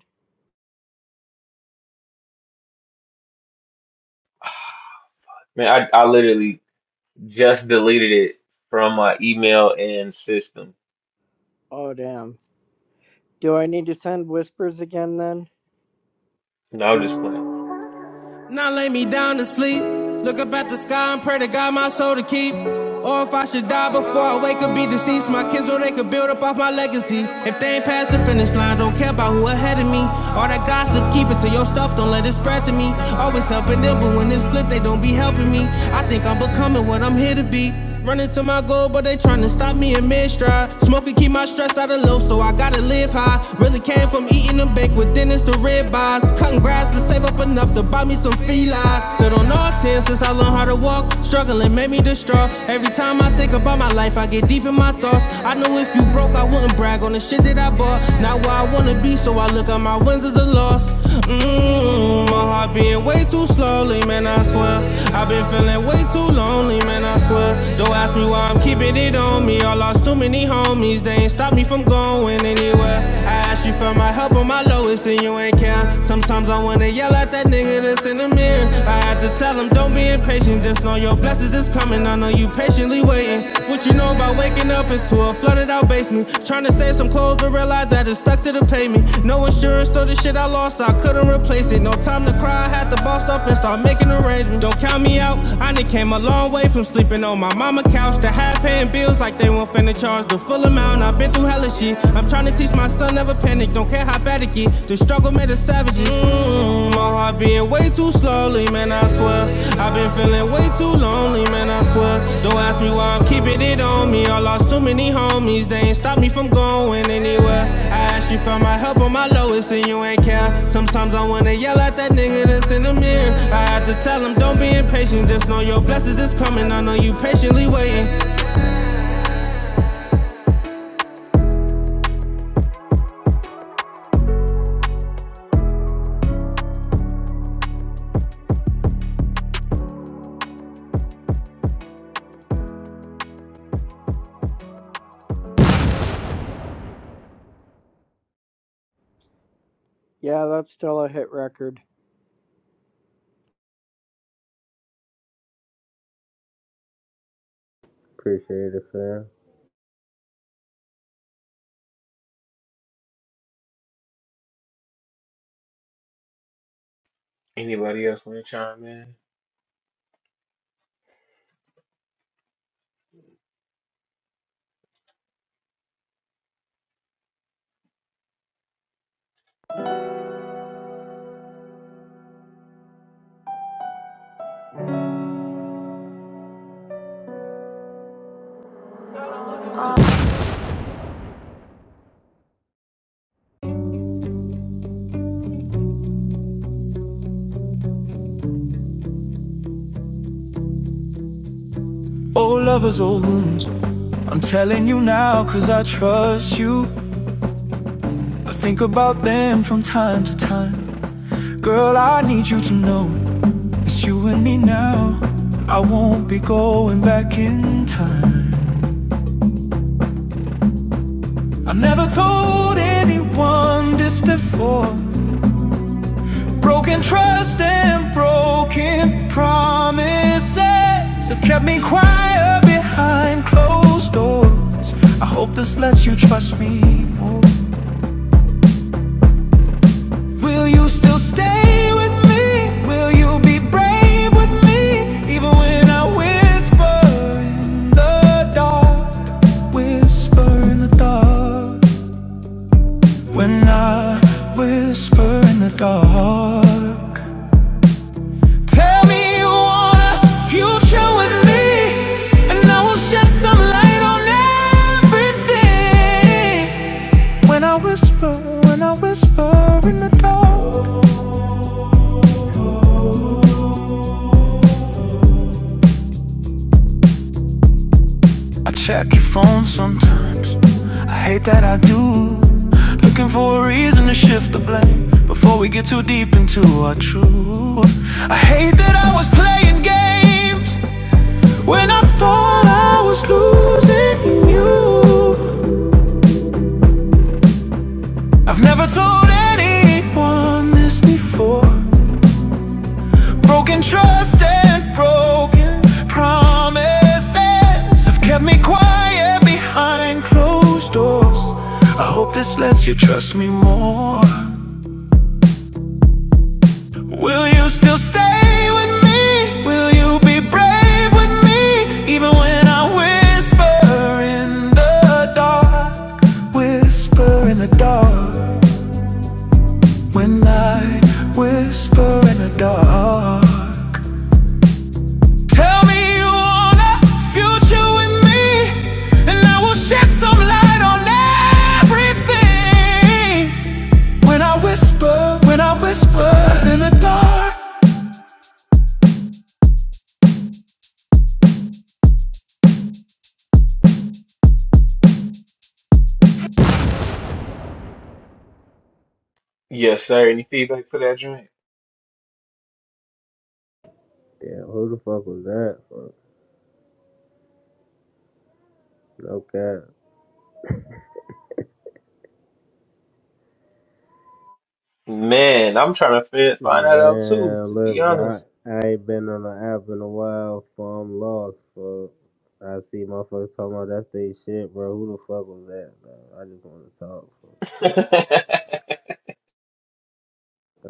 man i, I literally just deleted it from my email and system
Oh damn. Do I need to send whispers again then?
no i'm just playing
Now lay me down to sleep. Look up at the sky and pray to God my soul to keep. Or if I should die before I wake up, be deceased. My kids, so they could build up off my legacy. If they ain't past the finish line, don't care about who ahead of me. All that gossip, keep it to your stuff, don't let it spread to me. Always helping them, but when it's flipped, they don't be helping me. I think I'm becoming what I'm here to be. Running to my goal, but they tryna stop me in mid stride. Smoking keep my stress out of low, so I gotta live high. Really came from eating and bake with Dennis the red bars. Cutting grass to save up enough to buy me some felines. Stood on all 10 since I learned how to walk. Struggling made me distraught. Every time I think about my life, I get deep in my thoughts. I know if you broke, I wouldn't brag on the shit that I bought. Not where I wanna be, so I look at my wins as a loss. Mmm, my heart being way too slowly, man, I swear. I've been feeling way too lonely, man, I I swear. Don't ask me why I'm keeping it on me. I lost too many homies, they ain't stopped me from going anywhere. I asked you for my help on my lowest, and you ain't care. Sometimes I wanna yell at that nigga that's in the mirror. I had to tell him, don't be impatient, just know your blessings is coming. I know you patiently waiting. What you know about waking up into a flooded out basement? Trying to save some clothes, soon realized that it stuck to the pavement. No insurance, so the shit I lost, I couldn't replace it. No time to cry, I had to boss up and start making arrangements. Don't count me out, I done came a long way from sleeping on my mama couch to half paying bills like they won't finna charge the full amount. I've been through hella shit. I'm trying to teach my son never panic, don't care how bad it get. The struggle made us savages. Mm, my heart being way too slowly, man, I swear. I've been feeling way too lonely, man, I swear. Don't ask me why I'm keeping it on me. I lost too many homies, they ain't stopped me from going anywhere. I asked you for my help on my lowest, and you ain't care. Sometimes I wanna yell at that nigga that's in the mirror. I had to tell him, don't be impatient, just know your blessings is coming. I know you patiently waiting.
Yeah, that's still a hit record.
Appreciate it, fam.
Anybody else want to chime in?
Old lovers, old wounds. I'm telling you now, cause I trust you. I think about them from time to time. Girl, I need you to know It's you and me now. I won't be going back in time. I never told anyone this before. Broken trust and broken promises have kept me quiet behind closed doors. I hope this lets you trust me more. Will you still stay with me? Will you be brave with me? Even when I whisper in the dark. Whisper in the dark when I whisper in the dark. Tell me you want a future with me, and I will shed some light on everything. When I whisper, when I whisper in the dark, I check your phone sometimes. I hate that I do. Looking for a reason to shift the blame before we get too deep into our truth. I hate that I was playing games when I thought I was losing you. I've never told anyone this before. Broken trust and broken promises have kept me quiet behind closed doors. I hope this lets you trust me more. Will you still stay with me? Will you be brave with me? Even when I whisper in the dark, whisper in the dark. When I whisper in the dark. Tell me you want a future with me, and I will shed some light on everything. When I whisper, when I whisper in the dark.
Yes, sir. Any feedback for that drink?
Damn, who the fuck was that? Fuck. No cap. <laughs>
Man, I'm trying to fit, find that out too,
Man,
to be
look, bro,
honest.
I, I ain't been on the app in a while, so I'm lost, fuck. I see motherfuckers talking about that's they shit, bro. Who the fuck was that, bro? I just want to talk, fuck.
<laughs>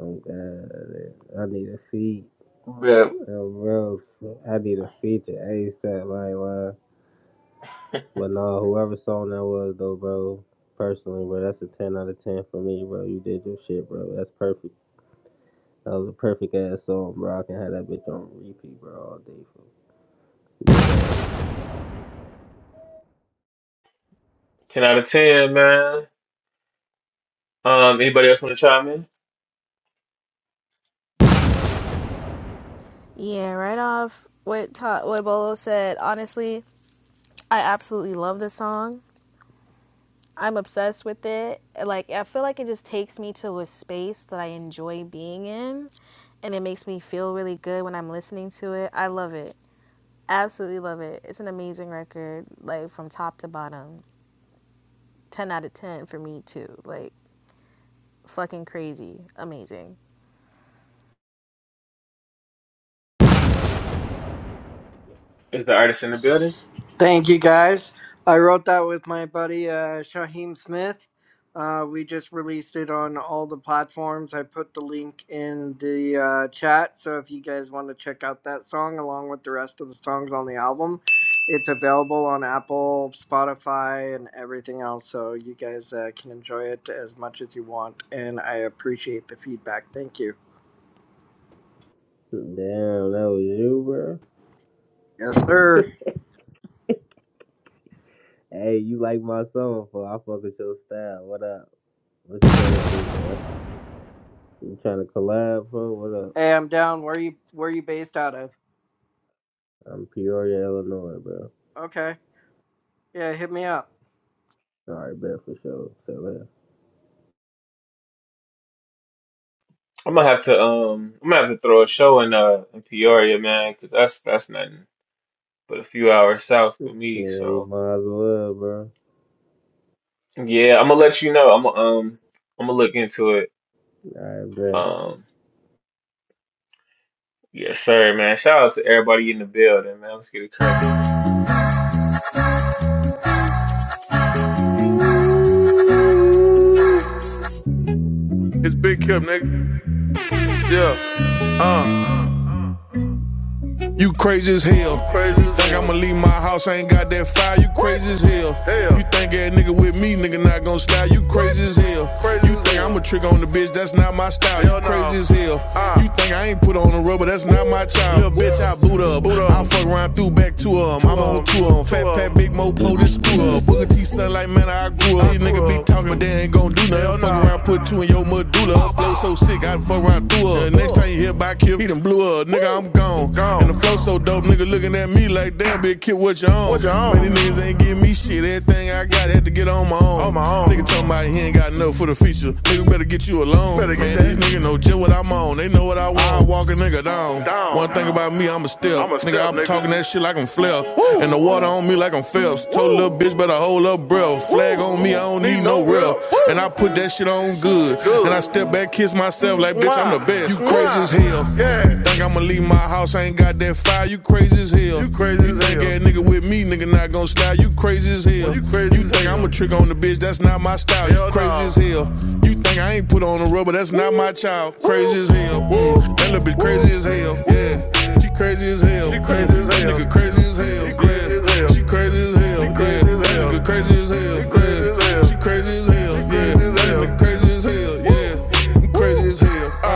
I'm good. I need a feat.
But
Yo, bro, fuck, I need a feature ASAP, like, why? But no, whoever song that was, though, bro, personally, bro, that's a 10 out of 10 for me, bro. You did your shit, bro. That's perfect. That was a perfect ass song, bro. I can have that bitch on repeat, bro, all day, fuck. Did that.
10 out of 10, man. Um, anybody else want to chime in?
yeah right off what Ta- what bolo said honestly I absolutely love this song. I'm obsessed with it. Like I feel like it just takes me to a space that I enjoy being in and it makes me feel really good when I'm listening to it. I love it. Absolutely love it. It's an amazing record, like from top to bottom. 10 out of 10 for me too. Like fucking crazy. Amazing.
Is the artist in the building?
Thank you, guys. I wrote that with my buddy uh, Shaheem Smith. Uh, we just released it on all the platforms. I put the link in the uh, chat, so if you guys want to check out that song along with the rest of the songs on the album, it's available on Apple, Spotify, and everything else. So you guys uh, can enjoy it as much as you want, and I appreciate the feedback. Thank you.
Damn, that was you, bro.
Yes, sir.
<laughs> Hey, you like my song, for I fuck with your style. What up? What you trying to do, bro? You trying to collab, bro? What up?
Hey, I'm down. Where you Where you based out of?
I'm Peoria, Illinois, bro.
Okay. Yeah, hit me up.
All right, bet for sure. So,
I'm gonna have to um, I'm gonna have to throw a show in uh in Peoria, man, 'cause that's that's nothing but a few hours south for
yeah,
me.
Yeah, you
So
might as well, bro.
yeah, I'm gonna let you know. I'm gonna um, I'm gonna look into it.
All right, bet.
Um, yes, sir, man. Shout out to everybody in the building, man. Let's get it cracking.
It's Big Kim, nigga. Yeah. You crazy as hell. Crazy. as Think hell. I'ma leave my house, I ain't got that fire, you crazy as hell. Hell. You think that nigga with me, nigga not gon' style, you crazy as hell. Crazy you as think hell. I'ma trick on the bitch, that's not my style, Hell you nah. crazy no. as hell. Ah. You think I ain't put time, little bitch, I boot up. Boot up. Mama on tour, on fat pat, big my screw up. Booger T son like man, I grew up. These niggas be talking, but they ain't gon' do nothing. Fuck around, put two in your medulla. Her flow so sick, I done fuck around through her. The next time you hear by Kip, he done blew up. Nigga, I'm gone. And the flow so dope, nigga looking at me like, damn, big kid, what you on? Man, these niggas ain't giving me shit. Everything I got is on my own. Nigga talking about he ain't got enough for the feature. Nigga better get you alone. Man, these niggas know just what I'm on. They know what I want. I walk a nigga down. One thing about me, I'm a step. Nigga, I'm talking that like I'm Flair. And the water on me like I'm Phelps. Told little bitch better hold up breath. Flag on me, I don't need no real. And I put that shit on good. And I step back, kiss myself like, bitch, I'm the best. You crazy as hell. You think I'ma leave my house, I ain't got that fire. You crazy as hell. You crazy as think that nigga with me, nigga not gon' to style. You crazy as hell. you crazy You think I'ma trick on the bitch, that's not my style. You crazy nah. as hell. You think I ain't put on the rubber, that's not my child. Crazy as hell. That little bitch crazy hell, yeah. She crazy as hell. yeah. That nigga crazy as hell, yeah. She crazy as hell, yeah. That nigga crazy as hell, yeah.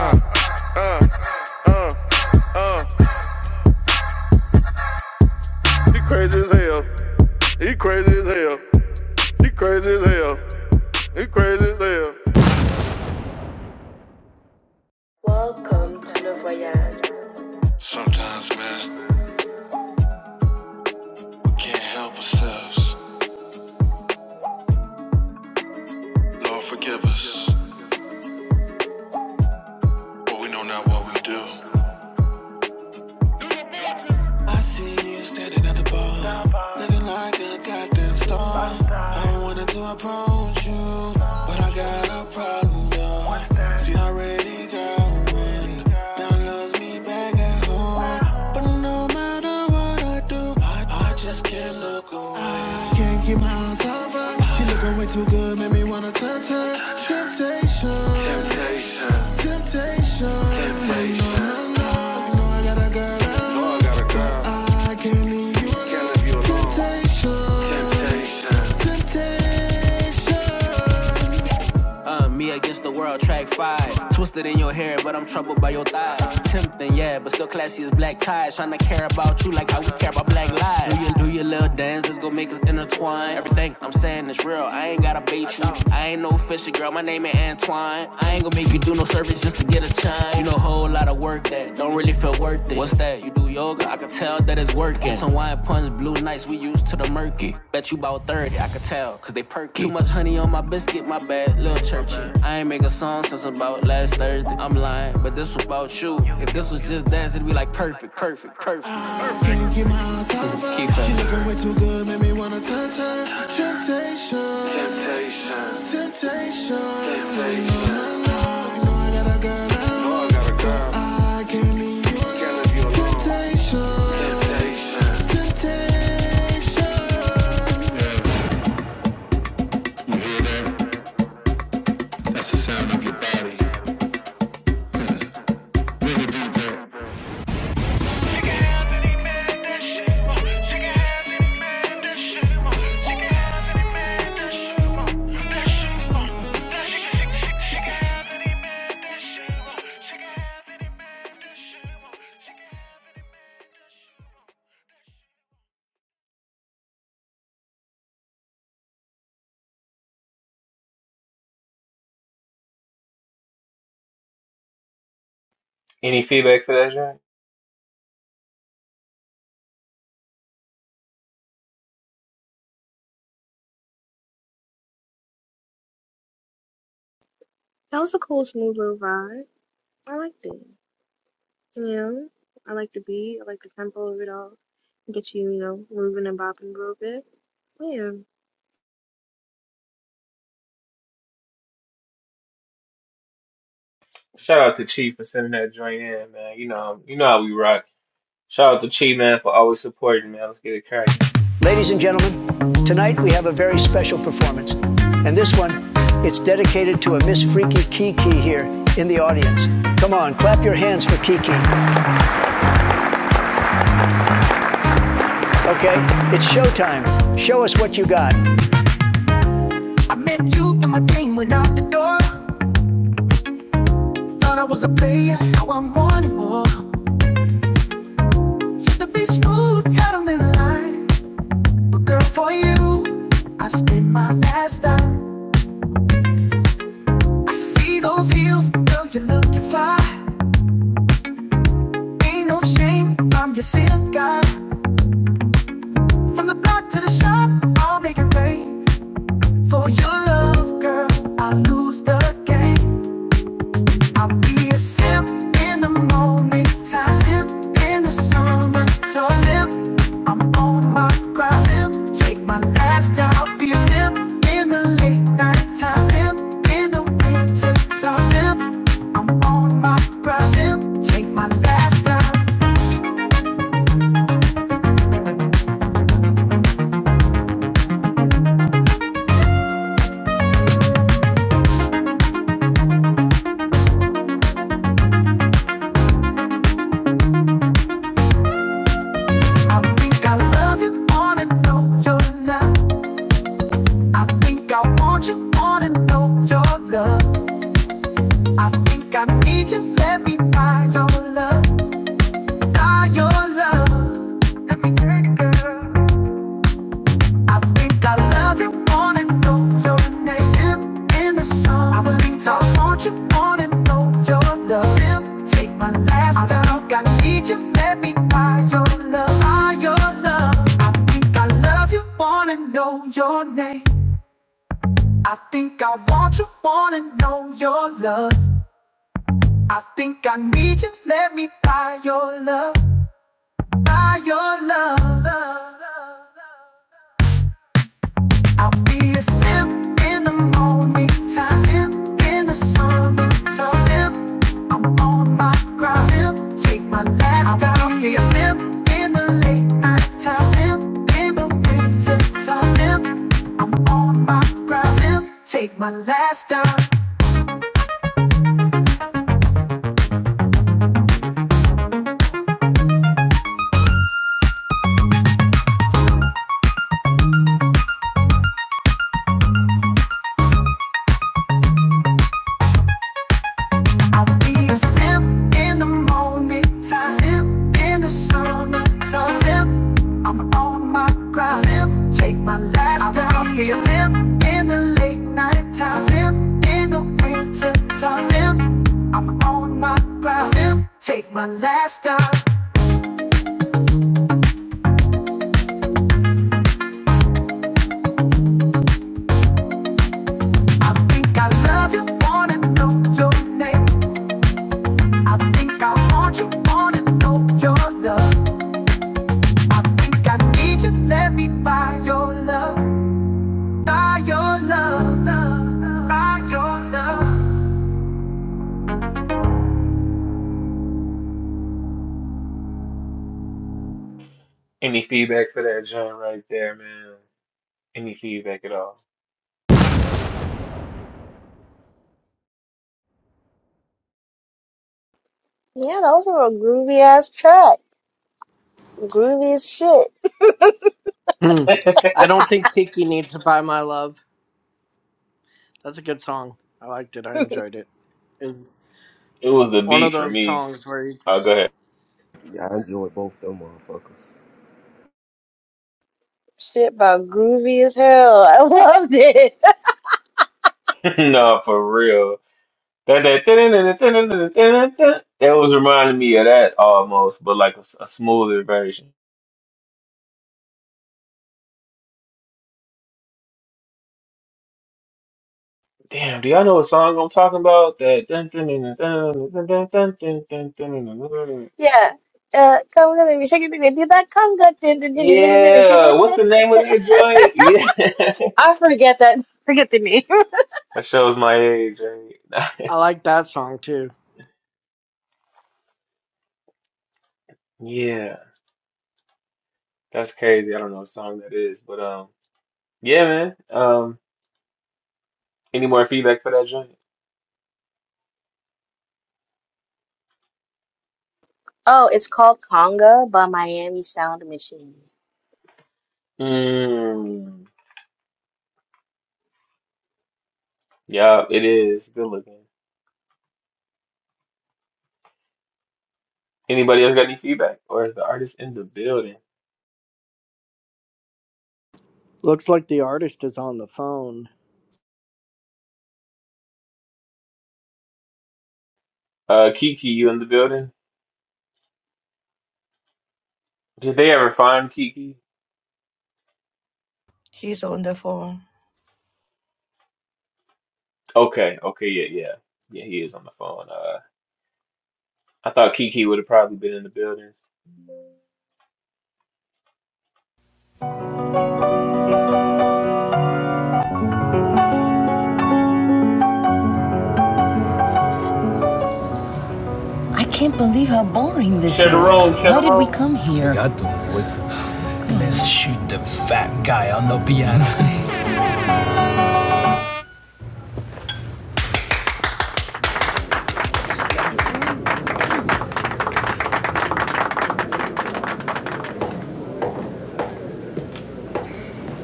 She crazy as hell, yeah. That nigga crazy as hell, yeah. I'm crazy as hell, ah. she crazy as hell. As hell. Crazy as hell. She crazy as hell. Welcome to Le Voyage. Sometimes, man, we can't help ourselves. Lord, forgive us, but we know not what we do. I see you standing at the bar, looking like a goddamn star. I wanted to approach you, but I got a temptation, temptation. Oh, I got a girl, can't leave you alone. Temptation, Uh, me against the world, track five. Twisted in your hair, but I'm troubled by your thighs. Tempting, yeah, but still classy as black ties. Trying to care about you like how we care about black lives. Do your, do your little dance, let's go make us intertwine. Everything I'm saying is real, I ain't gotta bait you. I ain't no fishy, girl, my name ain't Antoine. I ain't gonna make you do no service just to get a chime. You know, a whole lot of work that don't really feel worth it. What's that? You do yoga? I can tell that it's working. Some wine punch, blue nights, we used to the murky. Bet you about 30, I can tell, cause they perky. Too much honey on my biscuit, my bad, little church. I ain't make a song since about last Thursday. I'm lying, but this was about you. If this was just dance, it'd be like perfect, perfect, perfect. Keep it.
Any feedback for that joint?
That was a cool, smoother vibe. I liked it. You know, I like the beat. I like the tempo of it all. It gets you, you know, moving and bopping a little bit. Yeah.
Shout out to Chief for sending that joint in, man. You know, you know how we rock. Shout out to Chief, man, for always supporting, man. Let's get it cracking.
Ladies and gentlemen, tonight we have a very special performance. And this one, it's dedicated to a Miss Freaky Kiki here in the audience. Come on, clap your hands for Kiki, okay? It's showtime. Show us what you got. I met you and my thing went out the door. Thought I was a player, now I'm wanting more. Used to be smooth, had 'em in line. Girl, for you, I spin my lap. I see those heels, girl, you're looking fly. Ain't no shame, I'm your simp guy. From the block to the shop, I'll make it rain. For your love, girl, I lose the game. I'll be a simp in the morning time, simp in the summer time, simp. I'm on my grind, simp. Take my lap in the late night time, simp. In the rain, simp, simp. Take my last time. I think I love you, wanna know your love. I think I want you, wanna know your love. I think I need you, let me buy love, buy your love. Think I love you, wanna know your name. I think I want you, wanna know your love. take my last I think I need you, let me buy your love, buy your love. I think I love you, wanna know your name. I think I want you, wanna know your love. I think I need you, let me buy your love, buy your love. I'll be a simp in the morning time, simp in the summertime, simp on my grind, simp take my last time. I'll be a simp in the late night time, simp in the winter time, simp on my grind, simp take my last time. Anytime, simp in the time, simp Feeling it, it's a sin. I think I love you, wanna know your name. I think I want you, wanna know your love. I think I need you, let me buy your love, buy your love, buy your love.
Any feedback for that joint right there, man? Any feedback at all?
Yeah, those were a groovy ass track. Groovy as shit.
Hmm.
<laughs> it
I don't think Tiki needs to buy my love. That's a good song. I liked it. I enjoyed it. It's
was the
one of
beat for
those
me.
songs where you,
Oh, go ahead.
Yeah, I enjoyed both them motherfuckers.
Shit by groovy as hell. <laughs> I loved it.
<laughs> no, for real. That that that that was reminding me of that almost, but like a, s- a smoother version. Damn, do y'all know what song I'm talking about? That
<laughs> yeah. Uh, come with me, shake it, baby, do that conga. Din, din, din, din, din, din, din, din,
Yeah,
din,
what's
din,
the name
din.
of that joint? Yeah,
<laughs> I forget that. <laughs> Forget the name. <laughs>
<laughs> that shows my age, right?
I
<laughs>
like that song too.
Yeah, that's crazy. I don't know what song that is, but um, yeah, man. Um, any more feedback for that joint?
oh, it's called Conga by Miami Sound Machine.
Mm, yeah, it is good looking. Anybody else got any feedback, or is the artist in the building?
Looks like the artist is on the phone.
Uh, Kiki, you in the building? Did they ever find Kiki?
He's on the phone.
Okay, okay, yeah, yeah, yeah. He is on the phone. Uh, I thought Kiki would have probably been in the building. Share the room, share the room.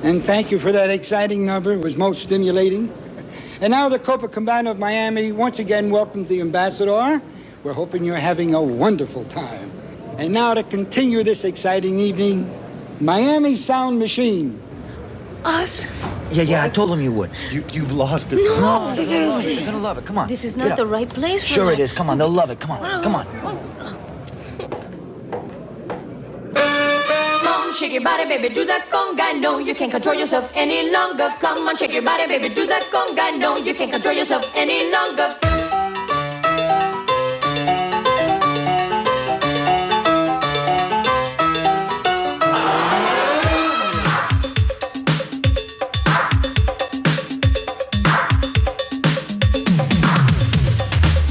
And thank you for that exciting number. It was most stimulating. And now the Copacabana of Miami once again welcomes the ambassador. We're hoping you're having a wonderful time. And now to continue this exciting evening, Miami Sound Machine. Yeah, yeah, I told him you would. You, you've lost it. No, no, you're gonna love it. Come on. This is not the right place for Sure, that. it is. Come on. Come on, shake your body, baby, do that conga. No, you can't control yourself any longer. Come on, shake your body, baby, do that conga. No, you can't control yourself any longer.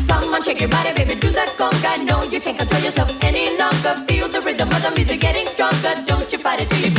Come on, shake, you can't control yourself. Put your body to your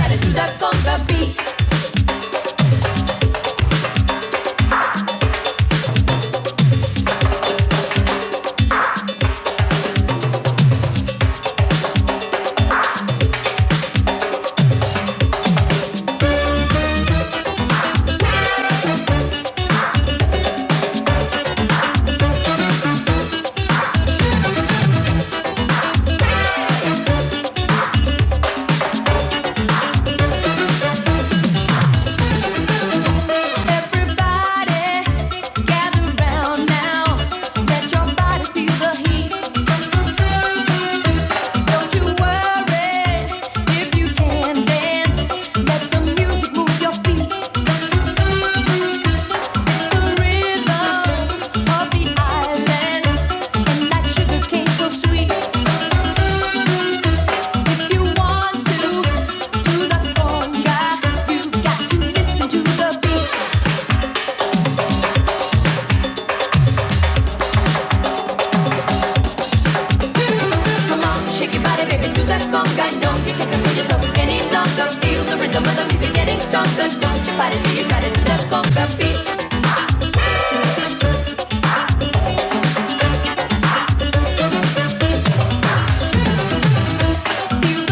everybody. Gather now. Let your body feel the heat. Don't you worry if you can dance. Let the music move your feet. The rhythm of the dance. And that sugar so sweet. you want to, do the conga. You got the beat. Come on, shake your body, baby. Do that conga. Don't give yourself any longer. Feel the rhythm of the music getting stronger. Beat. There's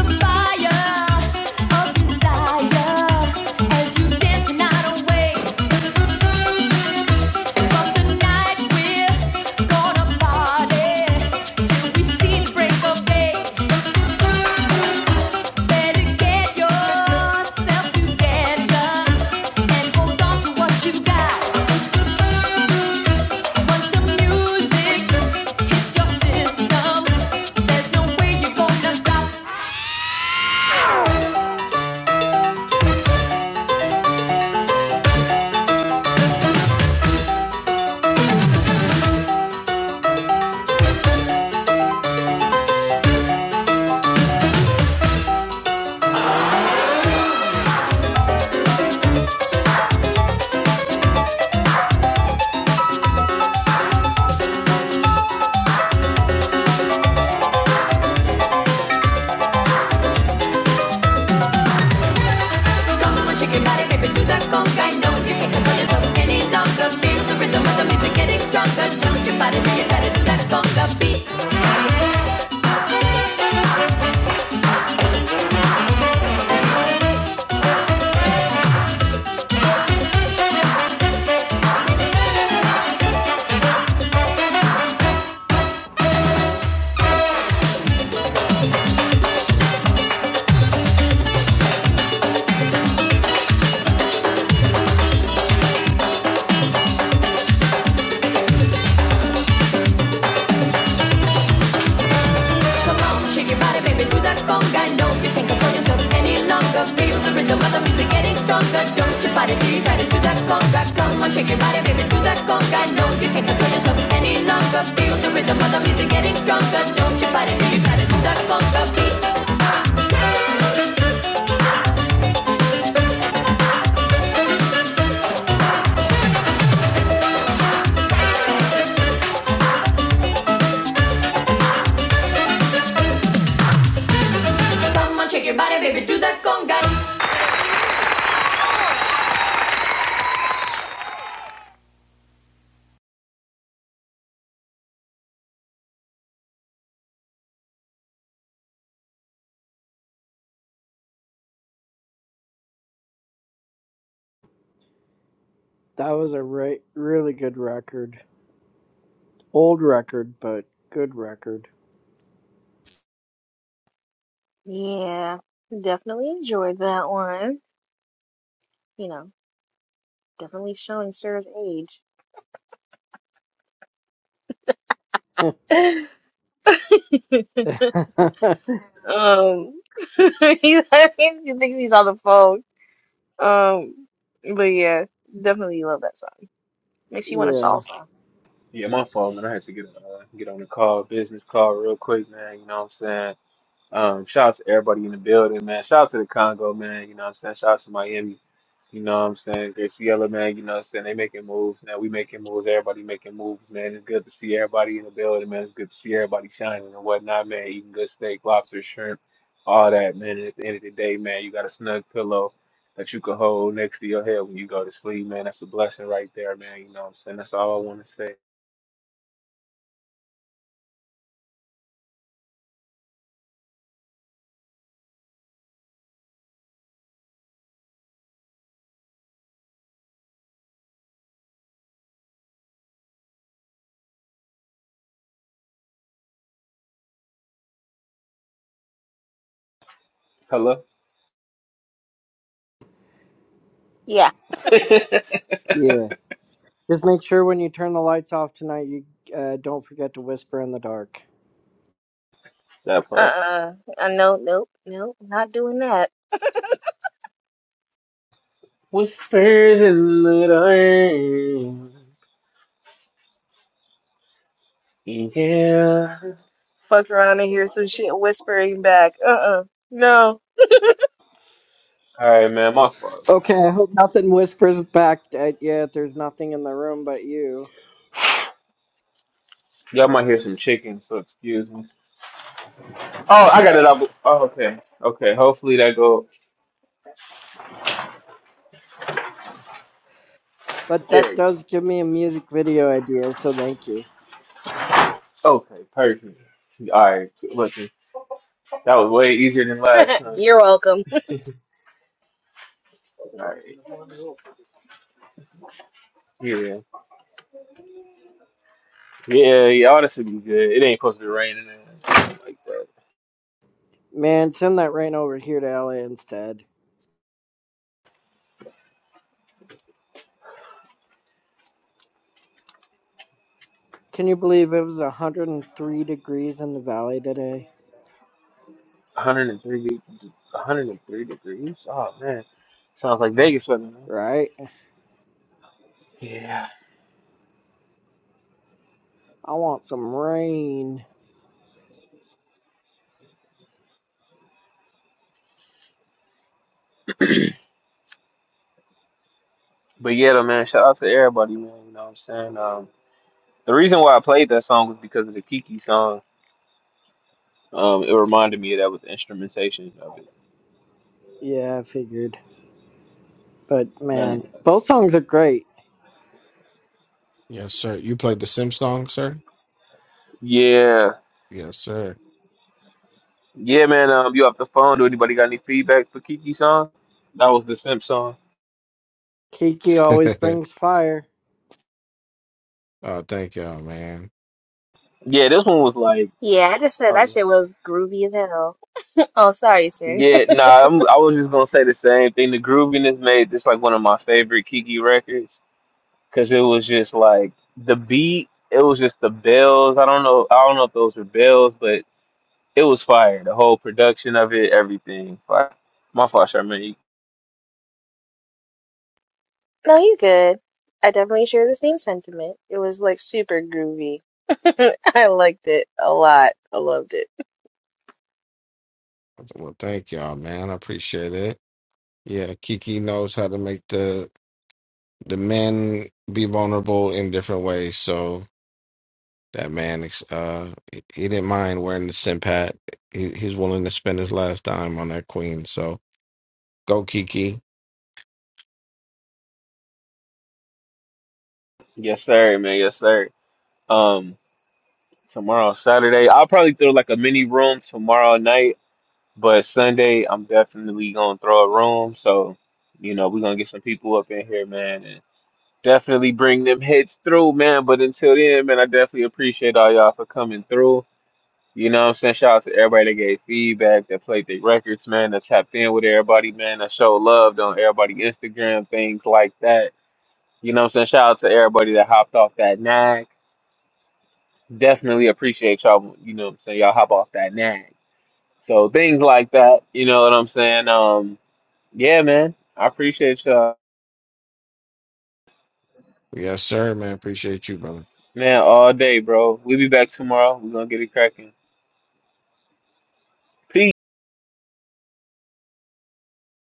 no way you're gonna stop Chicken body, baby, do that conga. No, you can't control yourself any longer. Feel the rhythm of the music getting stronger. Don't you body, now you gotta do that conga. Beat your body, baby, do that conga. No, you can't any longer. Feel the rhythm getting stronger. Don't you body, till you try to do that conga. Come on, shake your body, baby, do that. Control yourself any longer. Feel the rhythm getting stronger. Don't you try to do that conga. Beat. Come on, shake your body, baby, do that.
That was a re- really good record. Old record, but good record.
Yeah, definitely enjoyed that one. You know, definitely showing Sarah's age.
<laughs>
<laughs>
yeah,
um, <laughs> he, I think he's on the phone. Um, but yeah, definitely love that song. Makes you want to
yeah.
salsa.
Yeah, my fault, man. I had to get uh, get on the call, business call, real quick, man. You know what I'm saying? Um, shout out to everybody in the building, man. Shout out to the Congo, man. You know what I'm saying? Shout out to Miami. You know what I'm saying? Graciela, man. You know what I'm saying? They making moves, man. We making moves. Everybody making moves, man. It's good to see everybody in the building, man. It's good to see everybody shining and whatnot, man. Eating good steak, lobster, shrimp, all that, man. And at the end of the day, man, you got a snug pillow that you can hold next to your head when you go to sleep, man. That's a blessing right there, man. You know what I'm saying? That's all I want to say. Hello?
Yeah.
<laughs> that
Just make sure when you turn the lights off tonight, you uh, don't forget to whisper in the dark.
part.
Uh-uh. I know. Nope. Nope. Not doing that.
Whispers in the dark. Yeah.
Fuck around and hear some shit whispering back. Uh-uh. No.
Alright, man, my fault.
Okay, I hope nothing whispers back at you if there's nothing in the room but you.
Y'all might hear some chicken, so excuse me. Oh, I got it up. Oh, okay. Okay, hopefully that go.
But
There
that
you
does give me a music video idea, so thank you.
go. Okay, perfect. Alright, listen. That was way easier than last
<laughs>
time.
You're welcome.
Alright. Yeah. Yeah, yeah, all this would be good. It ain't supposed to be raining. and Like that.
Man, send that rain over here to LA instead. Can you believe it was 103 degrees in the valley today?
103, de- 103 degrees. Oh man, sounds like Vegas weather, man.
Right?
Yeah,
I want some rain.
but yeah, though, man. Shout out to everybody, man. You know what I'm saying? Um, the reason why I played that song was because of the Kiki song. Um, it reminded me of that with the instrumentation of it.
Yeah, I figured. But man,
Then,
both songs are great.
Yes, sir. You played the Sim song, sir?
yeah,
Yes, sir.
yeah, man. Um, you off the phone? Do anybody got any feedback for Kiki song? That was the Simp song.
Kiki
<laughs>
always
oh,
brings fire.
thank y'all, man.
Yeah, this one was like,
Yeah, I just
I
said
was
that
like
shit was groovy as hell. <laughs> Oh, sorry, sir. <laughs>
yeah, nah. I'm, I was just gonna say the same thing. The grooviness made this like one of my favorite Kiki records. because it was just like the beat. It was just the bells. I don't know. I don't know if those were bells, but it was fire. The whole production of it, everything. Fire. My fault, Charmaine.
No, you're good. I definitely share the same sentiment. It was like super groovy. <laughs> I liked it a lot. I loved it.
Well, thank y'all, man. I appreciate it. Yeah, Kiki knows how to make the the men be vulnerable in different ways. So that man, uh, he he didn't mind wearing the Sim hat. He, he's willing to spend his last dime on that queen. So go, Kiki.
Yes, sir, man. Yes, sir. Um, tomorrow, Saturday, I'll probably throw like a mini room tomorrow night, but Sunday, I'm definitely gonna throw a room. So, you know, we're gonna get some people up in here, man, and definitely bring them hits through, man. But until then, man, I definitely appreciate all y'all for coming through. You know what I'm saying? Shout out to everybody that gave feedback, that played their records, man, that tapped in with everybody, man, that showed love on everybody Instagram, things like that. You know what I'm saying? Shout out to everybody that hopped off that nag. Definitely appreciate y'all, when- you know what I'm saying, y'all hop off that nag. So things like that, you know what I'm saying? Um, yeah, man. I appreciate y'all.
Yes, sir, man. Appreciate you, brother.
Man, all day, bro. we will be back tomorrow. We're gonna get it cracking. Peace.